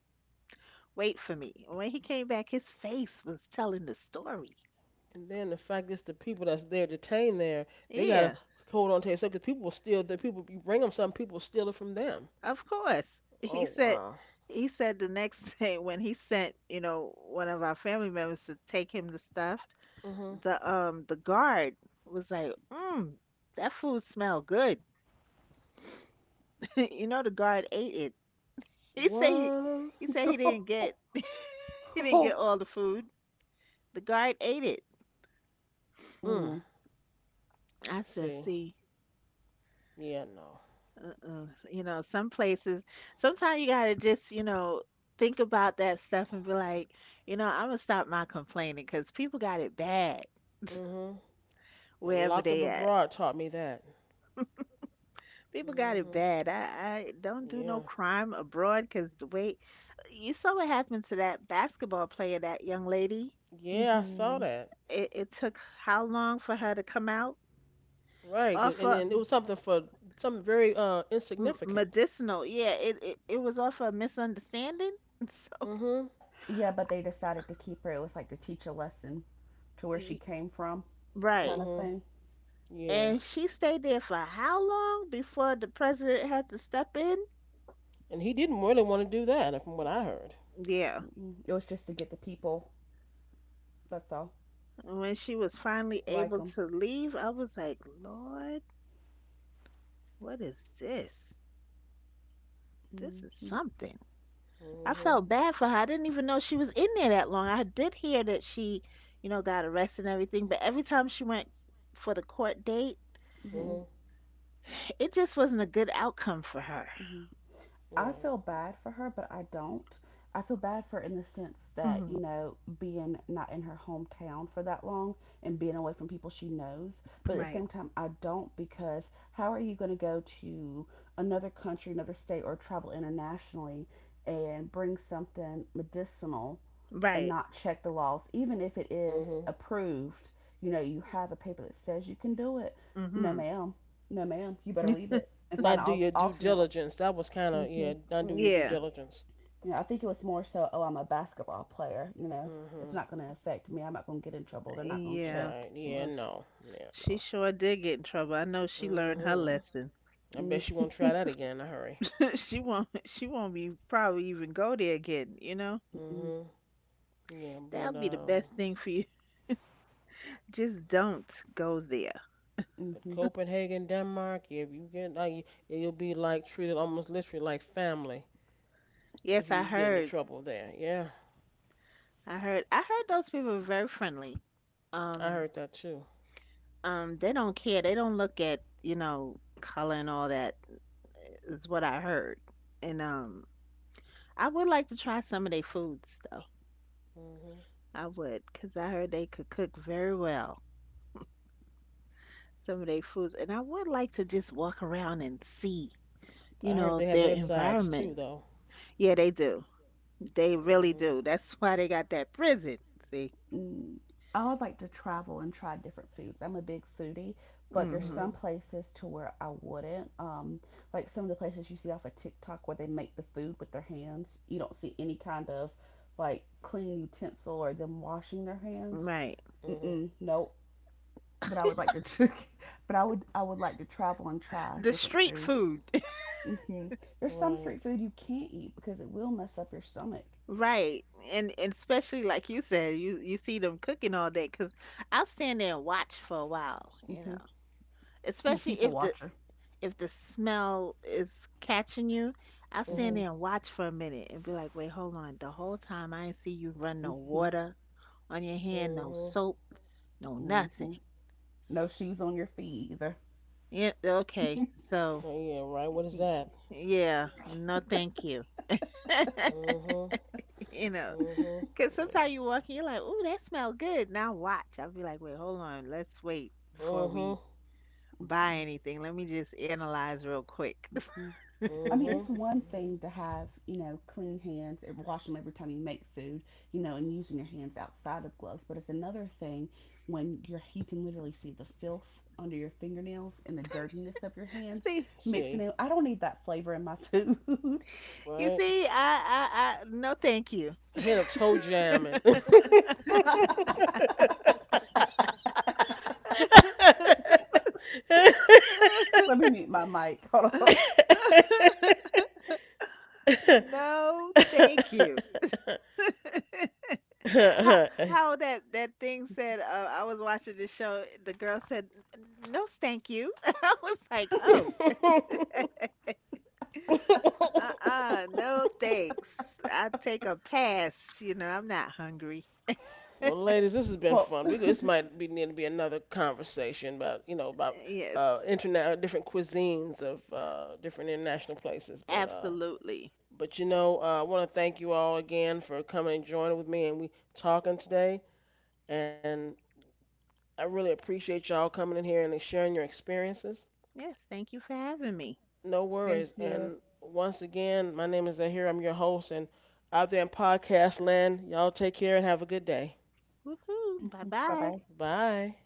S2: wait for me." And when he came back, his face was telling the story.
S1: And then the fact is, the people that's there detained there, they gotta
S2: Yeah.
S1: hold on to it. So, because people will steal, the people you bring them something, people will steal it from them.
S2: Of course.
S1: Oh wow.
S2: He said the next day when he sent, you know, one of our family members to take him the stuff,
S1: Mhm.
S2: the guard was like, "Mm, that food smelled good." You know, the guard ate it. He said he
S1: What?
S2: he said he didn't get he didn't get all the food. The guard ate it.
S1: Mm.
S3: Mm.
S2: I said,
S1: See.
S2: "See,
S1: Yeah. No.
S2: uh-uh. You know, some places sometimes you gotta just, you know, think about that stuff and be like, you know, I'm gonna stop my complaining because people got it bad.
S1: Mhm. Yeah,
S2: Wherever
S1: locked up
S2: they at.
S1: abroad taught me that.
S2: People got it
S1: Mhm.
S2: bad. I don't do no
S1: Yeah.
S2: crime abroad because the way you saw what happened to that basketball player, that young lady.
S1: Yeah, I saw
S3: Hmm.
S1: that.
S2: It took how long for her to come out?
S1: Right. 'Cause and
S2: Off a
S1: then it was
S3: Hmm.
S1: something for something very insignificant.
S2: medicinal, yeah. It was off a misunderstanding. So
S1: Mhm.
S3: Yeah, but they decided to keep her. It was like to teach a lesson to where she
S2: y-
S3: came from, kind
S2: right,
S3: of
S1: Mhm.
S3: thing.
S1: Yeah.
S2: and she stayed there for how long before the president had to step in?
S1: And he didn't really want to do that, from what I heard.
S2: Yeah,
S3: Mm. It was just to get the people, that's all,
S2: and when she was finally
S3: to like
S2: able
S3: them.
S2: to leave, I was like, Lord, what is this? This is
S3: Mm-hmm.
S2: something. I
S1: Mhm.
S2: felt bad for her. I didn't even know she was in there that long. I did hear that she, you know, got arrested and everything, but every time she went for the court date,
S3: Hmm.
S1: Mhm.
S2: it just wasn't a good outcome for her.
S3: I
S1: Right.
S3: feel bad for her, but I don't. I feel bad for her in the sense that,
S2: Hmm.
S3: you know, being not in her hometown for that long and being away from people she knows. But at the
S2: Right.
S3: same time, I don't, because how are you going to go to another country, another state, or travel internationally and bring something medicinal and
S2: Right.
S3: not check the laws? Even if it is
S1: Mhm.
S3: approved, you know, you have a paper that says you can do it. No,
S2: Hmm.
S3: ma'am. No, ma'am. You better leave it and find
S1: Not
S3: an
S1: do your due
S3: alternate.
S1: diligence. That was kind of
S3: Hmm.
S1: yeah. Not do your due
S2: Yeah.
S1: diligence.
S3: You know, I think it was more so, oh, I'm a basketball player. You know, it's
S1: Mhm.
S3: not going to affect me. I'm not going to get in trouble. They're not going to
S2: Yeah.
S1: Right.
S3: check.
S1: Yeah.
S2: Well,
S1: No. Yeah.
S2: she
S1: No.
S2: sure did get in trouble. I know she learned her
S1: Mhm.
S2: lesson.
S1: I bet you
S3: Mm,
S1: won't try that again in a hurry.
S2: She won't. She won't be probably even go there again. You know,
S3: mm,
S1: Mhm. Yeah.
S2: that'll
S1: But
S2: be the
S1: um.
S2: best thing for you. Just don't go there.
S1: But
S3: mhm,
S1: Copenhagen, Denmark. Yeah. If you get like, you you'll be like treated almost literally like family if
S2: Yes,
S1: you get into trouble there. Yeah.
S2: I heard those people are very friendly.
S1: I
S2: Um,
S1: heard that too.
S2: they don't care. They don't look at, you know, color and all that is what I heard. And I would like to try some of their foods though.
S1: Mhm.
S2: I would, 'cause I heard they could cook very well some of their foods. And I would like to just walk around and see, you
S1: I heard
S2: know,
S1: they have
S2: their
S1: their sides too
S2: environment.
S1: though.
S2: Yeah, they do. They really
S1: Mhm.
S2: do. That's why they got that prison. See?
S3: mm. I would like to travel and try different foods. I'm a big foodie, but there's
S2: Hmm.
S3: some
S1: Mhm.
S3: places to where I wouldn't. Like some of the places you see off of TikTok where they make the food with their hands. You don't see any kind of like clean utensil or them washing their hands.
S2: Right.
S1: Mhm.
S3: Mm-mm, nope. But I would like to, but I would like to travel and try
S2: The
S3: different
S2: street
S3: foods.
S2: food.
S3: Hmm. There's some
S1: Right.
S3: street food you can't eat because it will mess up your stomach.
S2: Right. And especially like you said, you see them cooking all day. Because 'cause I'll stand there and watch for a while, you
S3: Hmm.
S2: know.
S3: I'm a
S2: Especially
S3: people watcher.
S2: if the smell is catching you, I'll stand
S3: Hmm.
S1: Mhm.
S2: there and watch for a minute and be like, "Wait, hold on. The whole time I ain't see you run no
S3: Hmm.
S2: water on your hand, no
S1: Mhm.
S2: soap, no
S3: Hmm.
S2: nothing."
S3: No shoes on your feet either.
S2: Yeah, okay. So,
S1: Oh yeah, right. What is
S2: y-
S1: that?
S2: yeah, no thank you.
S1: Mhm.
S2: You know.
S1: Mhm.
S2: Cause
S1: Yeah.
S2: sometimes you
S1: So.
S2: walk in, you're like, "Ooh, that smell good." Now watch. I'll be like, "Wait, hold on. Let's wait before we
S1: Mhm.
S2: buy
S3: Hmm.
S2: anything. Let me just analyze real quick."
S3: Hmm. I mean, it's
S1: Mhm.
S3: one
S1: Mhm.
S3: thing to have, you know, clean hands and wash them every time you make food, you know, and using your hands outside of gloves, but it's another thing you can literally see the filth under your fingernails and the dirtiness of your hands
S2: see,
S3: mixing
S1: See,
S3: in. I don't need that flavor in my food.
S2: you
S1: right?
S2: see, I, I, no, thank you.
S1: A hint of toe jamming.
S3: Let me mute my mic. Hold on.
S2: No, thank you. how, how that that thing said? I was watching the show. The girl said, "N- "No, thank you." I was like, "Oh." Uh-uh, no thanks. I take a pass, you know, I'm not hungry.
S1: Well, ladies, this has been
S3: Well,
S1: fun. We, this might be need to be another conversation about you know about
S2: Yes,
S1: internet different cuisines of different international places.
S2: absolutely.
S1: But you know, I want to thank you all again for coming and joining with me and we talking today. And I really appreciate y'all coming in here and sharing your experiences.
S2: Yes, thank you for having me.
S1: No
S3: thank
S1: worries.
S3: you.
S1: And once again, my name is Zahir. I'm your host. And out there in podcast land, y'all take care and have a good day.
S2: Woohoo,
S3: Bye
S2: bye-bye.
S3: bye.
S1: Bye.